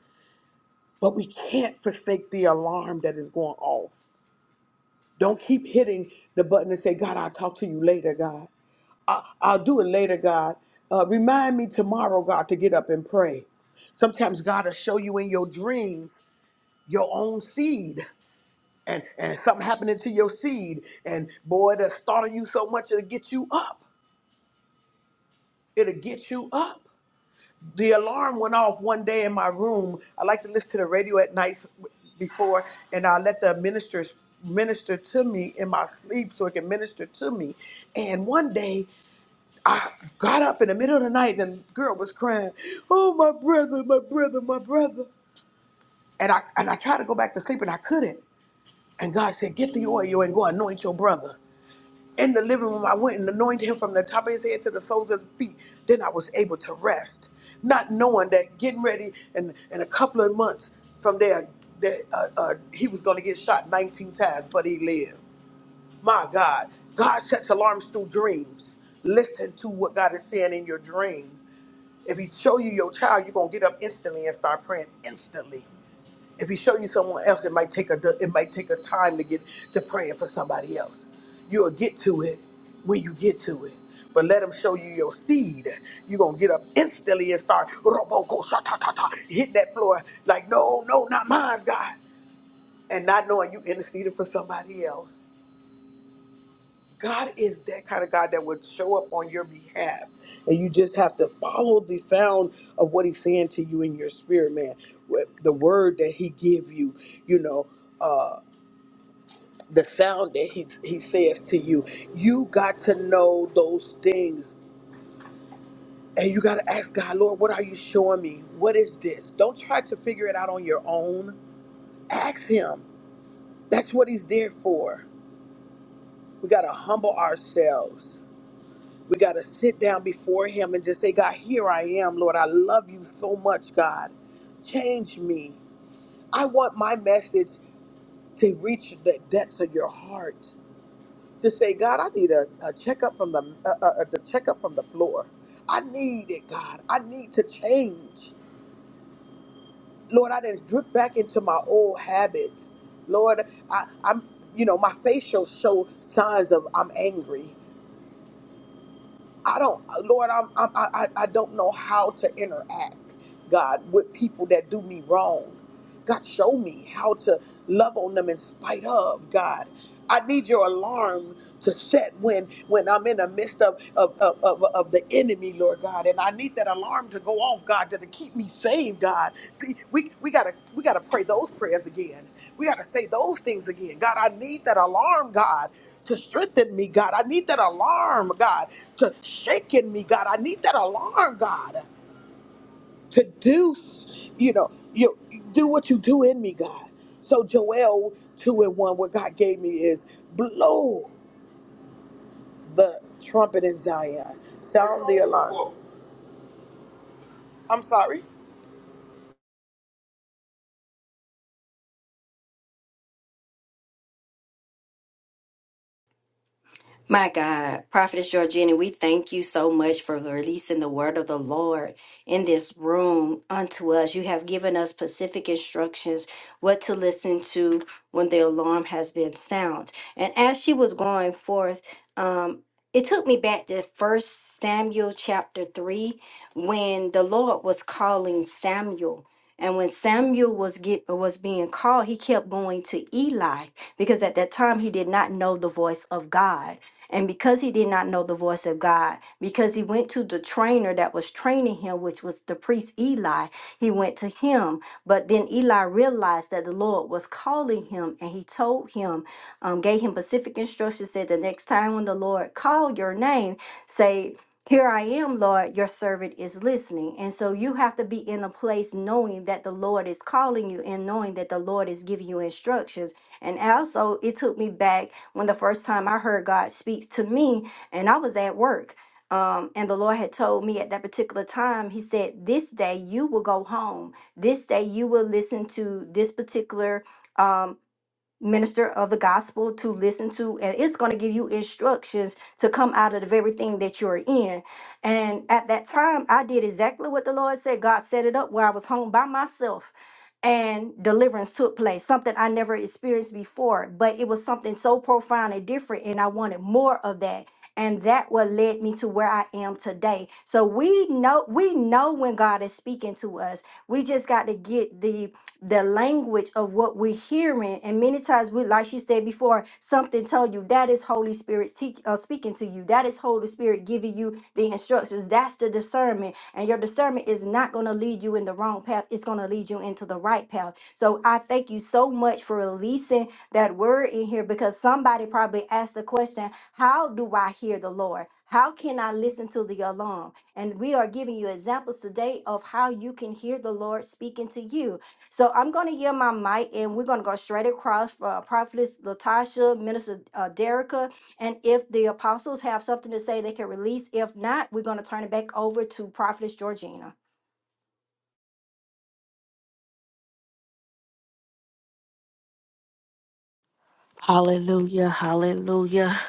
But we can't forsake the alarm that is going off. Don't keep hitting the button and say, God, I'll talk to you later, God. I, I'll do it later, God. Uh, remind me tomorrow, God, to get up and pray. Sometimes God will show you in your dreams your own seed and and something happening to your seed and boy it'll startle you so much it'll get you up it'll get you up the alarm went off one day in my room i like to listen to the radio at night before and i let the ministers minister to me in my sleep so it can minister to me and one day i got up in the middle of the night and the girl was crying oh my brother my brother my brother and i and i tried to go back to sleep and i couldn't and god said get the oil and go anoint your brother In the living room, I went and anointed him from the top of his head to the soles of his feet. Then I was able to rest, not knowing that getting ready in, in a couple of months from there, that uh, uh, he was going to get shot 19 times, but he lived. My God, God sets alarms through dreams. Listen to what God is saying in your dream. If He show you your child, you're gonna get up instantly and start praying instantly. If he show you someone else, it might take a it might take a time to get to praying for somebody else. You'll get to it when you get to it. But let him show you your seed. You're gonna get up instantly and start roboko sha ta ta ta hit that floor like no, no, not mine, God. And not knowing you interceded for somebody else. God is that kind of God that would show up on your behalf. And you just have to follow the sound of what he's saying to you in your spirit, man. What- The word that he give you, you know, uh, the sound that he, he says to you. You got to know those things. And you got to ask God, Lord, what are you showing me? What is this? Don't try to figure it out on your own. Ask him. That's what he's there for. We got to humble ourselves We got to sit down before Him and just say, God, here I am, Lord. I love you so much, God. Change me. I want my message to reach the depths of your heart. To say, God, I need a, a checkup from the uh, uh, the checkup from the floor. I need it, God. I need to change, Lord. I didn't drip back into my old habits, Lord. I, I'm, you know, my facial show signs of I'm angry. I don't, Lord, I'm, I'm, I, I I don't know how to interact, God, with people that do me wrong. God, show me how to love on them in spite of, God. I need your alarm to set when when I'm in the midst of, of, of, of, of the enemy, Lord God. And I need that alarm to go off, God, to, to keep me saved, God. See, we, we gotta we gotta pray those prayers again. We gotta say those things again. God, I need that alarm, God, to strengthen me, God. I need that alarm, God to shake in me, God. I need that alarm, God, to do, you know, you do what you do in me, God. So Joel two and one, what God gave me is blow the trumpet in Zion, sound the alarm. I'm sorry.
My God, Prophetess Georgina, we thank you so much for releasing the word of the Lord in this room unto us. You have given us specific instructions what to listen to when the alarm has been sound. And as she was going forth, um, it took me back to First Samuel chapter 3 when the Lord was calling Samuel. And when Samuel was get was being called, he kept going to Eli because at that time he did not know the voice of God. And because he did not know the voice of God, because he went to the trainer that was training him, which was the priest Eli, he went to him. But then Eli realized that the Lord was calling him, and he told him, um, gave him specific instructions, said the next time when the Lord called your name, say. Here I am, Lord, your servant is listening. And so you have to be in a place knowing that the Lord is calling you and knowing that the Lord is giving you instructions. And also, it took me back when the first time I heard God speak to me, and I was at work. Um, and the Lord had told me at that particular time, He said, This day you will go home. This day you will listen to this particular um, minister of the gospel to listen to, and it's going to give you instructions to come out of the very thing that you're in. And at that time, I did exactly what the Lord said. God set it up where I was home by myself and deliverance took place, something I never experienced before, but it was something so profound and different, and I wanted more of that. And that what led me to where I am today. So we know we know when God is speaking to us. We just got to get the the language of what we're hearing. And many times we, like she said before, something told you that is Holy Spirit teach, uh, speaking to you. That is Holy Spirit giving you the instructions. That's the discernment. And your discernment is not going to lead you in the wrong path, it's going to lead you into the right path. So I thank you so much for releasing that word in here because somebody probably asked the question How do I hear the Lord? How can I listen to the alarm? And we are giving you examples today of how you can hear the Lord speaking to you. So I'm going to yield my mic and we're going to go straight across for uh, Prophetess Latasha, Minister uh, Derica. And if the apostles have something to say, they can release. If not, we're going to turn it back over to Prophetess Georgina.
Hallelujah. Hallelujah.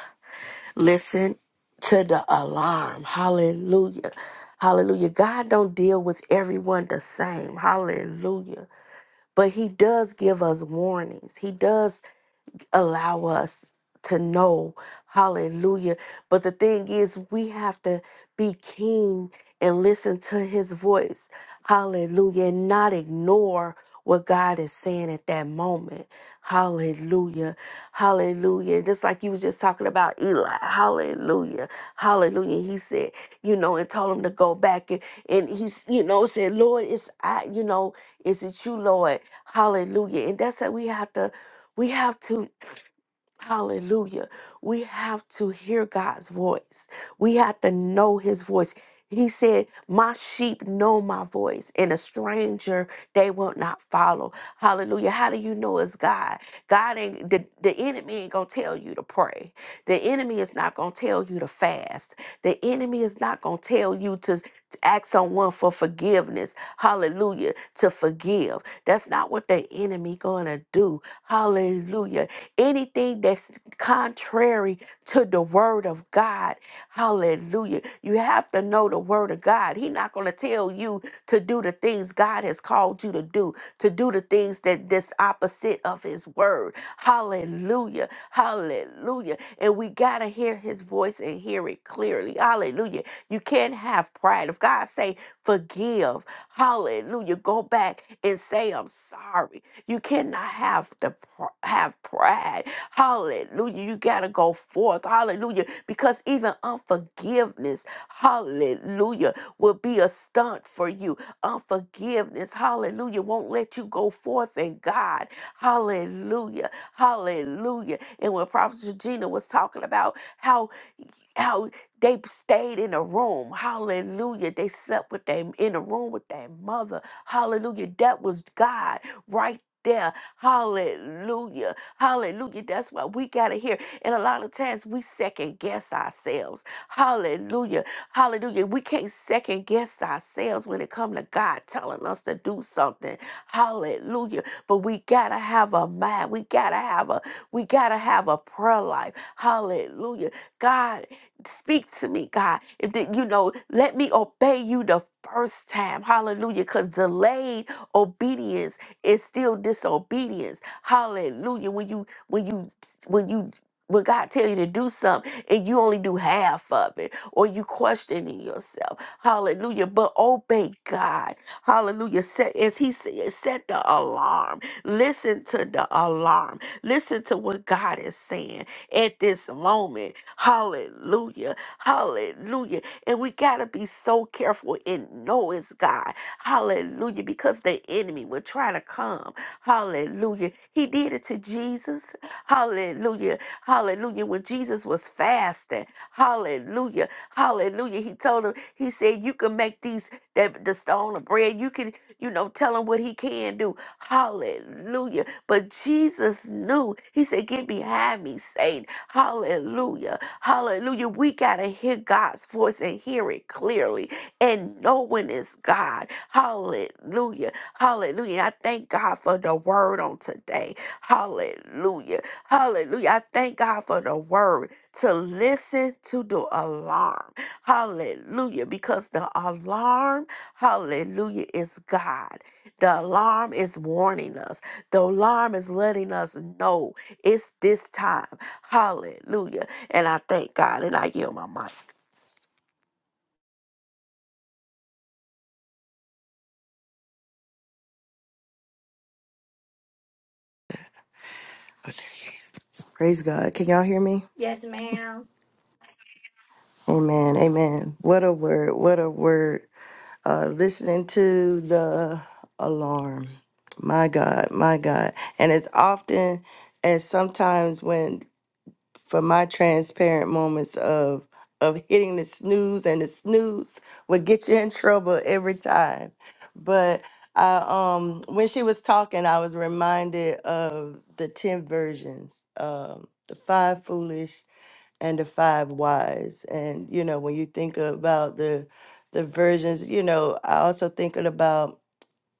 Listen to the alarm. Hallelujah. Hallelujah. God don't deal with everyone the same. Hallelujah. But he does give us warnings. He does allow us to know. Hallelujah. But the thing is, we have to be keen and listen to his voice. Hallelujah. And not ignore what God is saying at that moment. Hallelujah. Hallelujah. Just like you was just talking about Eli. Hallelujah. Hallelujah. He said, you know, and told him to go back and, and he, you know, said, Lord, it's I, you know, is it you, Lord? Hallelujah. And that's that we have to we have to Hallelujah. We have to hear God's voice. We have to know his voice. He said, My sheep know my voice, and a stranger they will not follow. Hallelujah. How do you know it's God? God ain't the, the enemy ain't gonna tell you to pray. The enemy is not gonna tell you to fast. The enemy is not gonna tell you to, to ask someone for forgiveness. Hallelujah. To forgive. That's not what the enemy gonna do. Hallelujah anything that's contrary to the word of God. Hallelujah. You have to know the word of God. He's not going to tell you to do the things God has called you to do, to do the things that that's opposite of his word. Hallelujah. Hallelujah. And we got to hear his voice and hear it clearly. Hallelujah. You can't have pride. If God say forgive, hallelujah, go back and say I'm sorry. You cannot have the pr- have pride. Hallelujah. You got to go forth. Hallelujah. Because even unforgiveness, hallelujah, will be a stunt for you. Unforgiveness, hallelujah, won't let you go forth in God. Hallelujah. Hallelujah. And when Prophet Regina was talking about how how they stayed in a room. Hallelujah. They slept with them in a room with their mother. Hallelujah. That was God right there. Hallelujah. Hallelujah. That's what we got to hear. And a lot of times we second guess ourselves. Hallelujah. Hallelujah. We can't second guess ourselves when it comes to God telling us to do something. Hallelujah. But we got to have a mind. We got to have a we got to have a prayer life. Hallelujah. God speak to me, God. If the, you know, let me obey you the first time. Hallelujah. Because delayed obedience is still disobedience. Hallelujah. When you when you when you when God tell you to do something and you only do half of it or you questioning yourself. Hallelujah. But obey God. Hallelujah. Set as he said, set the alarm. Listen to the alarm. Listen to what God is saying at this moment. Hallelujah. Hallelujah. And we got to be so careful and know it's God. Hallelujah. Because the enemy will try to come. Hallelujah. He did it to Jesus. Hallelujah. Hallelujah. When Jesus was fasting. Hallelujah. Hallelujah. He told him, he said, you can make these, that the stone of bread. You can, you know, tell him what he can do. Hallelujah. But Jesus knew. He said, Get behind me, Satan. Hallelujah. Hallelujah. We got to hear God's voice and hear it clearly and knowing it's God. Hallelujah. Hallelujah. I thank God for the word on today. Hallelujah. Hallelujah. I thank God for the word to listen to the alarm. Hallelujah. Because the alarm, hallelujah, is God. The alarm is warning us. The alarm is letting us know it's this time. Hallelujah. And I thank God and I yield my mic.
Praise God. Can y'all hear me?
Yes.
Amen. Amen. What a word. What a word. Uh, listening to the alarm. My God. My God. And as often as sometimes when for my transparent moments of of hitting the snooze and the snooze would get you in trouble every time. But I um when she was talking, I was reminded of the ten versions, um, the five foolish and the five wise. And you know, when you think about the the versions, you know, I also thinking about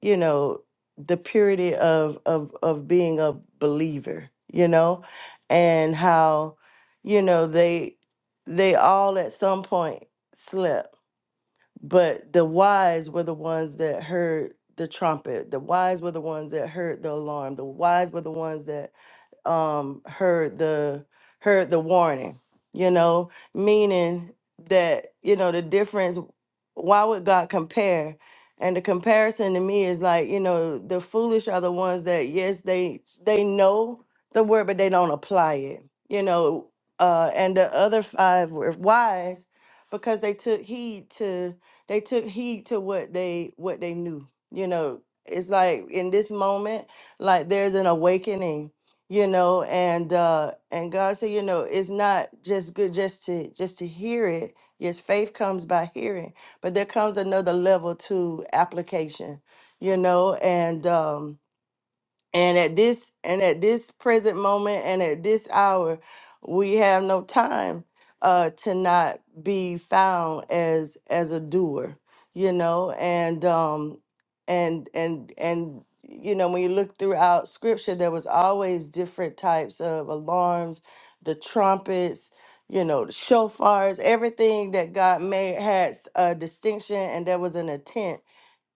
you know the purity of of of being a believer you know and how you know they they all at some point slept but the wise were the ones that heard the trumpet the wise were the ones that heard the alarm the wise were the ones that um heard the heard the warning, you know, meaning that, you know, the difference why would God compare? And the comparison to me is like, you know, the foolish are the ones that yes, they they know the word, but they don't apply it. You know, uh, and the other five were wise because they took heed to they took heed to what they what they knew. You know, it's like in this moment, like there's an awakening you know and uh and god said you know it's not just good just to just to hear it yes faith comes by hearing but there comes another level to application you know and um and at this and at this present moment and at this hour, we have no time uh to not be found as as a doer, you know, and um and and and you know, when you look throughout scripture, there was always different types of alarms, the trumpets, you know, the shofars, everything that God made had s- a distinction and there was an intent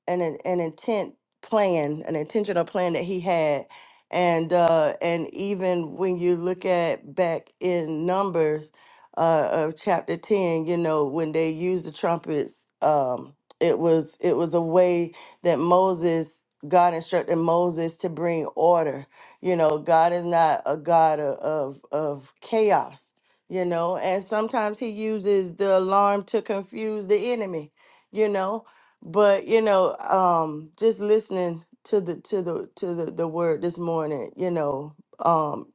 an in- an intent plan, an intentional plan that he had, and uh, and even when you look at back in Numbers, uh, of chapter ten, you know when they used the trumpets, um, it was it was a way that Moses. God instructed Moses to bring order. You know, God is not a God of of, of chaos. You know, and sometimes He uses the alarm to confuse the enemy. You know, but you know um just listening to the to the to the, the word this morning you know um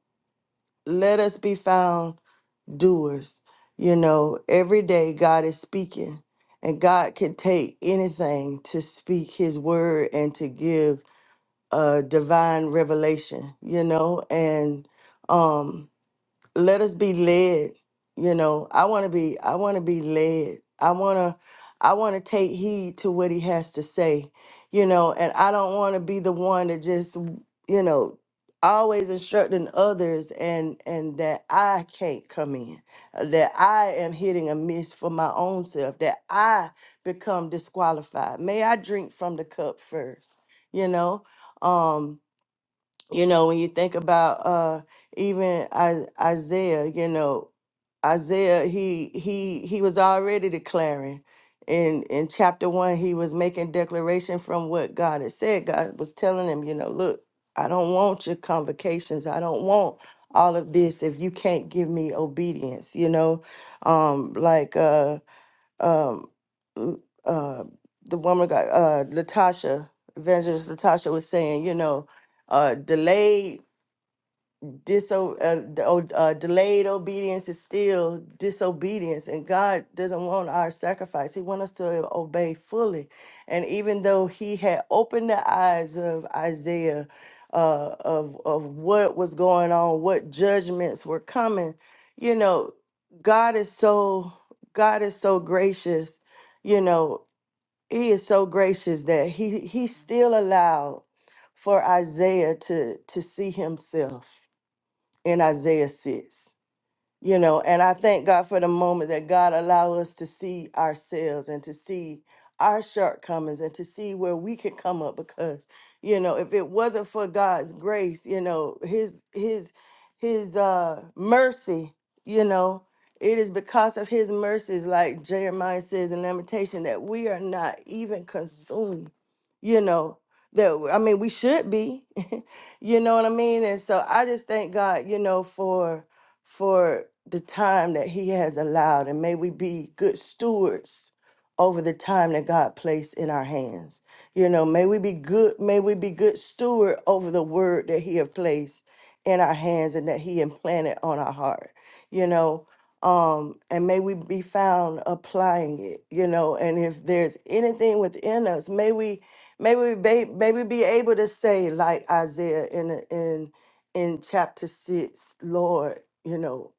let us be found doers you know every day god is speaking and god can take anything to speak his word and to give a divine revelation you know and um let us be led you know i want to be i want to be led i want to i want to take heed to what he has to say you know and i don't want to be the one that just you know always instructing others and and that i can't come in uh, that i am hitting a miss for my own self that i become disqualified may i drink from the cup first you know Um you know when you think about uh even I, isaiah you know isaiah he he he was already declaring in in chapter one he was making declaration from what god had said god was telling him you know look i don't want your convocations i don't want all of this if you can't give me obedience you know um like uh um mm, uh the woman got uh latasha evangelist latasha was saying you know uh delayed diso- uh, d- oh, uh, delayed obedience is still disobedience and god doesn't want our sacrifice he wants us to obey fully and even though he had opened the eyes of isaiah uh, of of what was going on what judgments were coming you know god is so god is so gracious you know he is so gracious that he he still allowed for isaiah to to see himself in Isaiah 6 you know and i thank god for the moment that god allow us to see ourselves and to see our shortcomings and to see where we can come up because you know if it wasn't for god's grace you know his his his uh mercy you know it is because of his mercies like jeremiah says in lamentation that we are not even consumed you know that I mean we should be [LAUGHS] you know what i mean and so i just thank god you know for for the time that He has allowed, and may we be good stewards over the time that God placed in our hands. You know, may we be good, may we be good steward over the word that He have placed in our hands and that He implanted on our heart. You know, um, and may we be found applying it. You know, and if there's anything within us, may we, may we, be, may we be able to say like Isaiah in in in chapter six, Lord you know,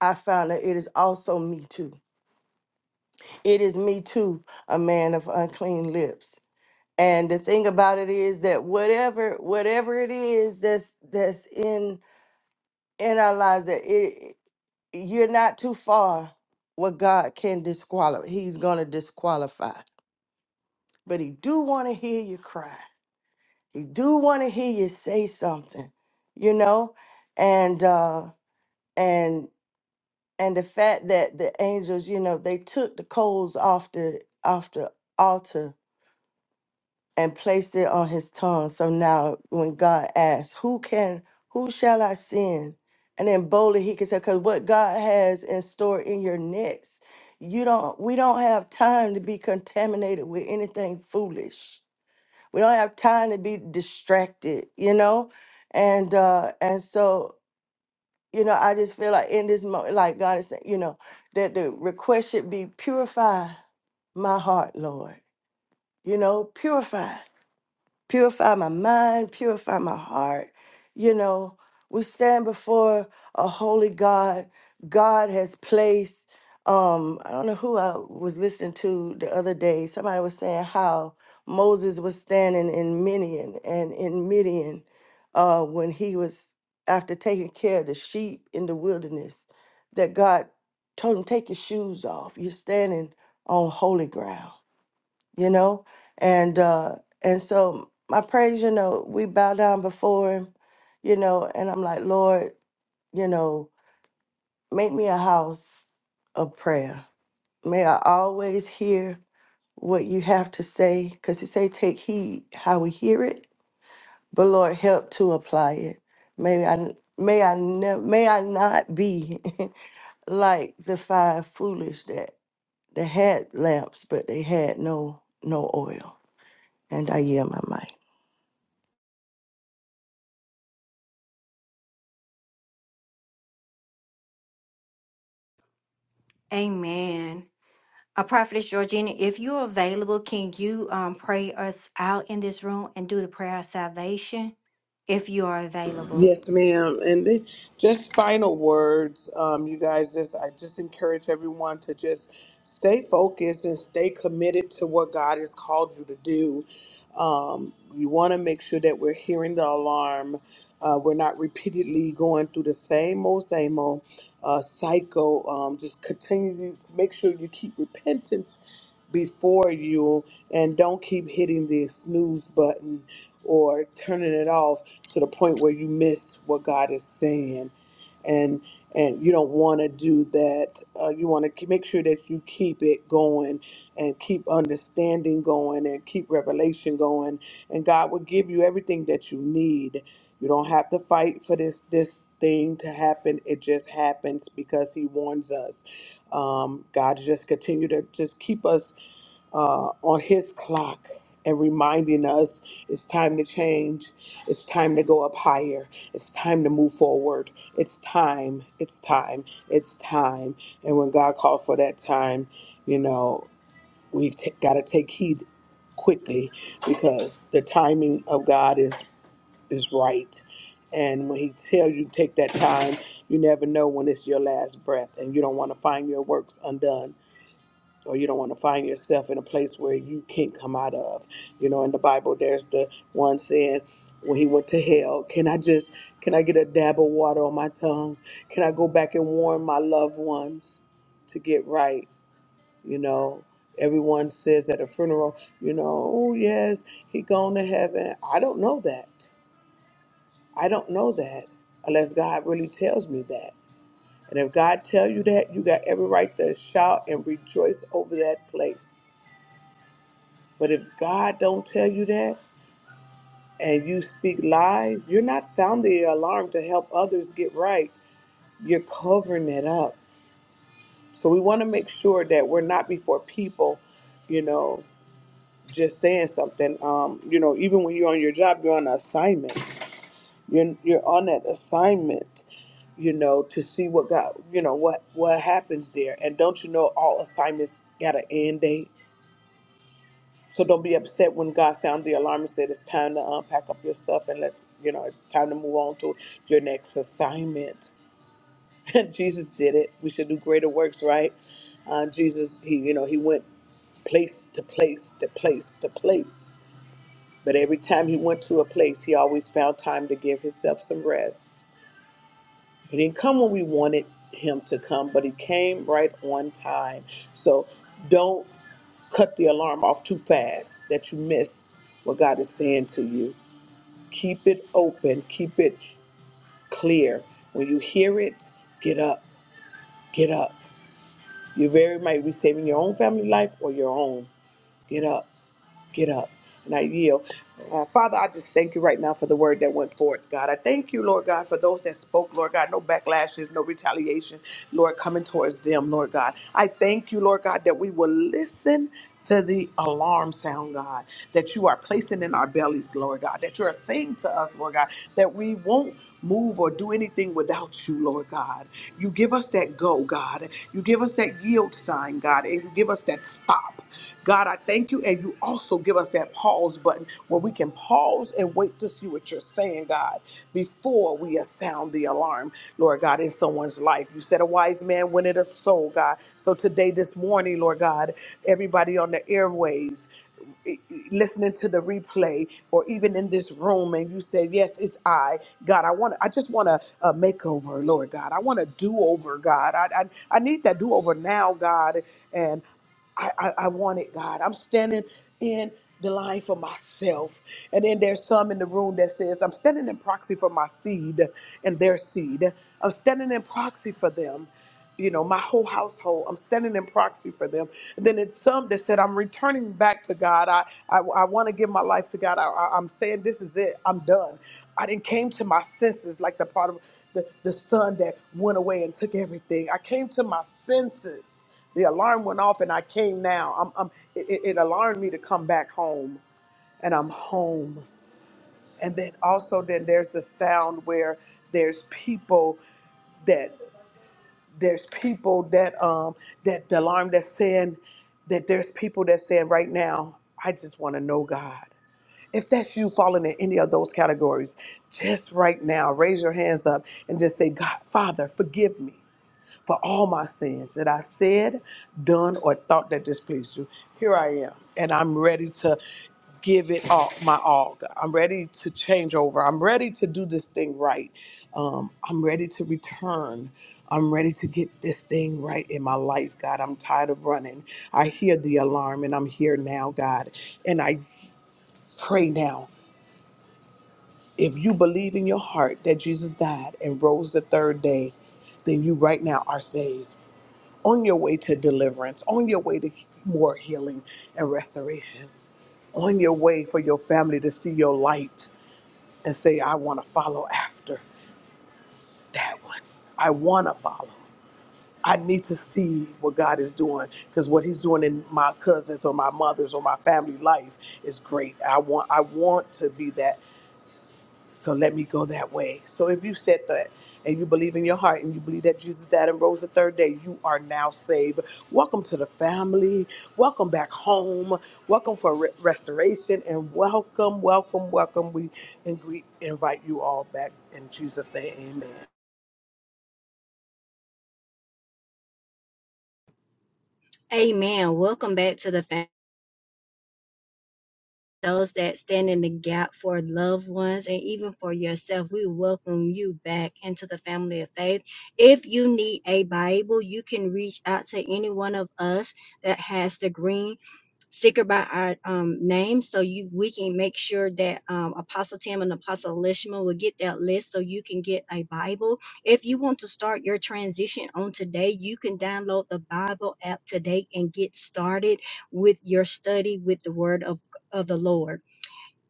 I found that it is also me too. It is me too, a man of unclean lips. And the thing about it is that whatever whatever it is that's that's in in our lives that it you're not too far what God can disqualify. He's going to disqualify. But he do want to hear you cry. He do want to hear you say something, you know? And uh and and the fact that the angels, you know, they took the coals off the off the altar and placed it on his tongue. So now when God asks, Who can who shall I send? And then boldly he can say, Cause what God has in store in your next, you don't we don't have time to be contaminated with anything foolish. We don't have time to be distracted, you know? And uh and so you know, I just feel like in this moment, like God is saying, you know, that the request should be purify my heart, Lord. You know, purify purify my mind, purify my heart. You know, we stand before a holy God. God has placed, um, I don't know who I was listening to the other day. Somebody was saying how Moses was standing in Midian and in Midian uh, when he was after taking care of the sheep in the wilderness, that God told him, Take your shoes off. You're standing on holy ground you know and uh and so my praise you know we bow down before him you know and i'm like lord you know make me a house of prayer may i always hear what you have to say because he say take heed how we hear it but lord help to apply it may i may i never may i not be [LAUGHS] like the five foolish that they had lamps but they had no no oil and i yield my mic
Amen. Uh, Prophetess Georgina, if you're available, can you um, pray us out in this room and do the prayer of salvation if you are available?
Yes, ma'am. And then just final words, um, you guys. Just I just encourage everyone to just stay focused and stay committed to what God has called you to do. Um, you want to make sure that we're hearing the alarm. Uh, we're not repeatedly going through the same old, same old uh, cycle. Um, just continue to make sure you keep repentance before you and don't keep hitting the snooze button or turning it off to the point where you miss what God is saying and and you don't want to do that uh, you want to make sure that you keep it going and keep understanding going and keep revelation going and God will give you everything that you need you don't have to fight for this this thing to happen it just happens because he warns us um, God just continue to just keep us uh, on his clock and reminding us it's time to change, it's time to go up higher, it's time to move forward, it's time, it's time, it's time. And when God called for that time, you know, we t- got to take heed quickly because the timing of God is is right. And when he tells you to take that time, you never know when it's your last breath and you don't want to find your works undone or you don't want to find yourself in a place where you can't come out of. You know, in the Bible, there's the one saying, when he went to hell, can I just, can I get a dab of water on my tongue? Can I go back and warn my loved ones to get right? You know, everyone says at a funeral, you know, oh yes, he gone to heaven. I don't know that. I don't know that unless God really tells me that. And if God tell you that, you got every right to shout and rejoice over that place But if God don't tell you that and you speak lies, you're not sounding the alarm to help others get right. You're covering it up. So we want to make sure that we're not before people, you know, just saying something. Um, you know, even when you're on your job, you're on an assignment. You're you're on that assignment, you know, to see what God, you know, what what happens there. And don't you know all assignments got an end date? So don't be upset when God sounds the alarm and said it's time to unpack up your stuff and let's, you know, it's time to move on to your next assignment. [LAUGHS] Jesus did it. We should do greater works, right? Uh, Jesus, he, you know, he went place to place to place to place. But every time he went to a place, he always found time to give himself some rest. He didn't come when we wanted him to come, but he came right on time. So don't cut the alarm off too fast that you miss what God is saying to you. Keep it open, keep it clear. When you hear it, get up, get up. You very might be saving your own family life or your own. Get up get up. And I yield. Uh, Father, I just thank you right now for the word that went forth, God. I thank you, Lord God, for those that spoke, Lord God. No backlashes, no retaliation, Lord, coming towards them, Lord God. I thank you, Lord God, that we will listen to the alarm sound, God, that you are placing in our bellies, Lord God, that you are saying to us, Lord God, that we won't move or do anything without you, Lord God. You give us that go, God. You give us that yield sign, God, and you give us that stop up. God, I thank you. And you also give us that pause button where we can pause and wait to see what you're saying, God, before we sound the alarm, Lord God, in someone's life. You said a wise man wanted a soul, God. So today, this morning, Lord God, everybody on the airwaves, e, e, listening to the replay or even in this room and you say yes it's i god i want to, i just want a, a makeover lord god i want a do-over god I, I i need that do-over now god and. I, I, I want it, God. I'm standing in the line for myself. And then there's some in the room that says, I'm standing in proxy for my seed and their seed. I'm standing in proxy for them you know, my whole household. I'm standing in proxy for them. And then it's some that said, I'm returning back to God. I, I, I want to give my life to God. I, I, I'm saying, this is it. I'm done. I didn't came to my senses like the part of the, the son that went away and took everything. I came to my senses. The alarm went off and I came now. I'm, I'm, it, it it alarmed me to come back home and I'm home. And then also then there's the sound where there's people there's people that um that the alarm that's saying that there's people that saying right now i just want to know god if that's you falling in any of those categories just right now raise your hands up and just say god father forgive me for all my sins that i said done or thought that displeased you here i am and i'm ready to give it all my all. God. I'm ready to change over. I'm ready to do this thing right. Um, I'm ready to return. I'm ready to get this thing right in my life, God. I'm tired of running. I hear the alarm and I'm here now, God. And I pray now. If you believe in your heart that Jesus died and rose the third day, then you right now are saved. On your way to deliverance, on your way to more healing and restoration, on your way for your family to see your light and say, I want to follow after that one. I want to follow. I need to see what God is doing because what He's doing in my cousins or my mother's or my family life is great. I want, I want to be that. So let me go that way. So if you said that and you believe in your heart and you believe that Jesus died and rose the third day, you are now saved. Welcome to the family. Welcome back home. Welcome for re- restoration and welcome, welcome, welcome. We and we invite you all back in Jesus' name. Amen.
Amen. Welcome back to the family. those that stand in the gap for loved ones and even for yourself, we welcome you back into the family of faith. If you need a Bible, you can reach out to any one of us that has the green sticker by our um, name, so you we can make sure that um, Apostle Tim and Apostle Lishman will get that list, so you can get a Bible. If you want to start your transition on today, you can download the Bible app today and get started with your study with the Word of of the Lord.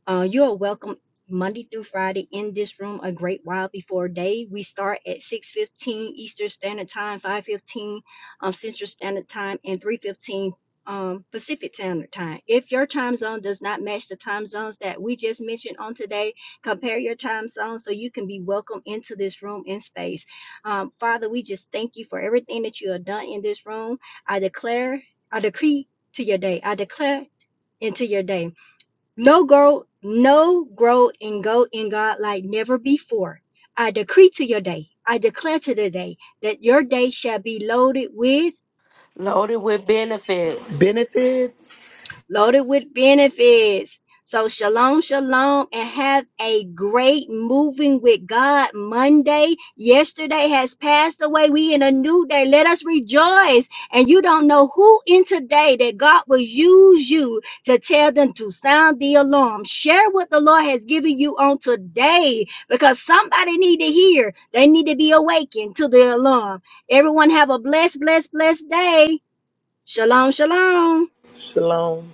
Uh, you are welcome Monday through Friday in this room a great while before day. We start at 6:15 Eastern Standard Time, 5:15 um, Central Standard Time, and 3:15 um, Pacific Standard Time. If your time zone does not match the time zones that we just mentioned on today, compare your time zone so you can be welcome into this room in space. Um, Father, we just thank you for everything that you have done in this room. I declare, I decree to your day. I declare into your day. No grow, no grow and go in God like never before. I decree to your day, I declare to the day that your day shall be loaded with
Loaded with benefits.
Benefits.
loaded with benefits. So, shalom, shalom, and have a great moving with God Monday. Yesterday has passed away. We in a new day. Let us rejoice. And you don't know who in today that God will use you to tell them to sound the alarm. Share what the Lord has given you on today because somebody need to hear. They need to be awakened to the alarm. Everyone have a blessed, blessed, blessed day. Shalom, shalom.
Shalom.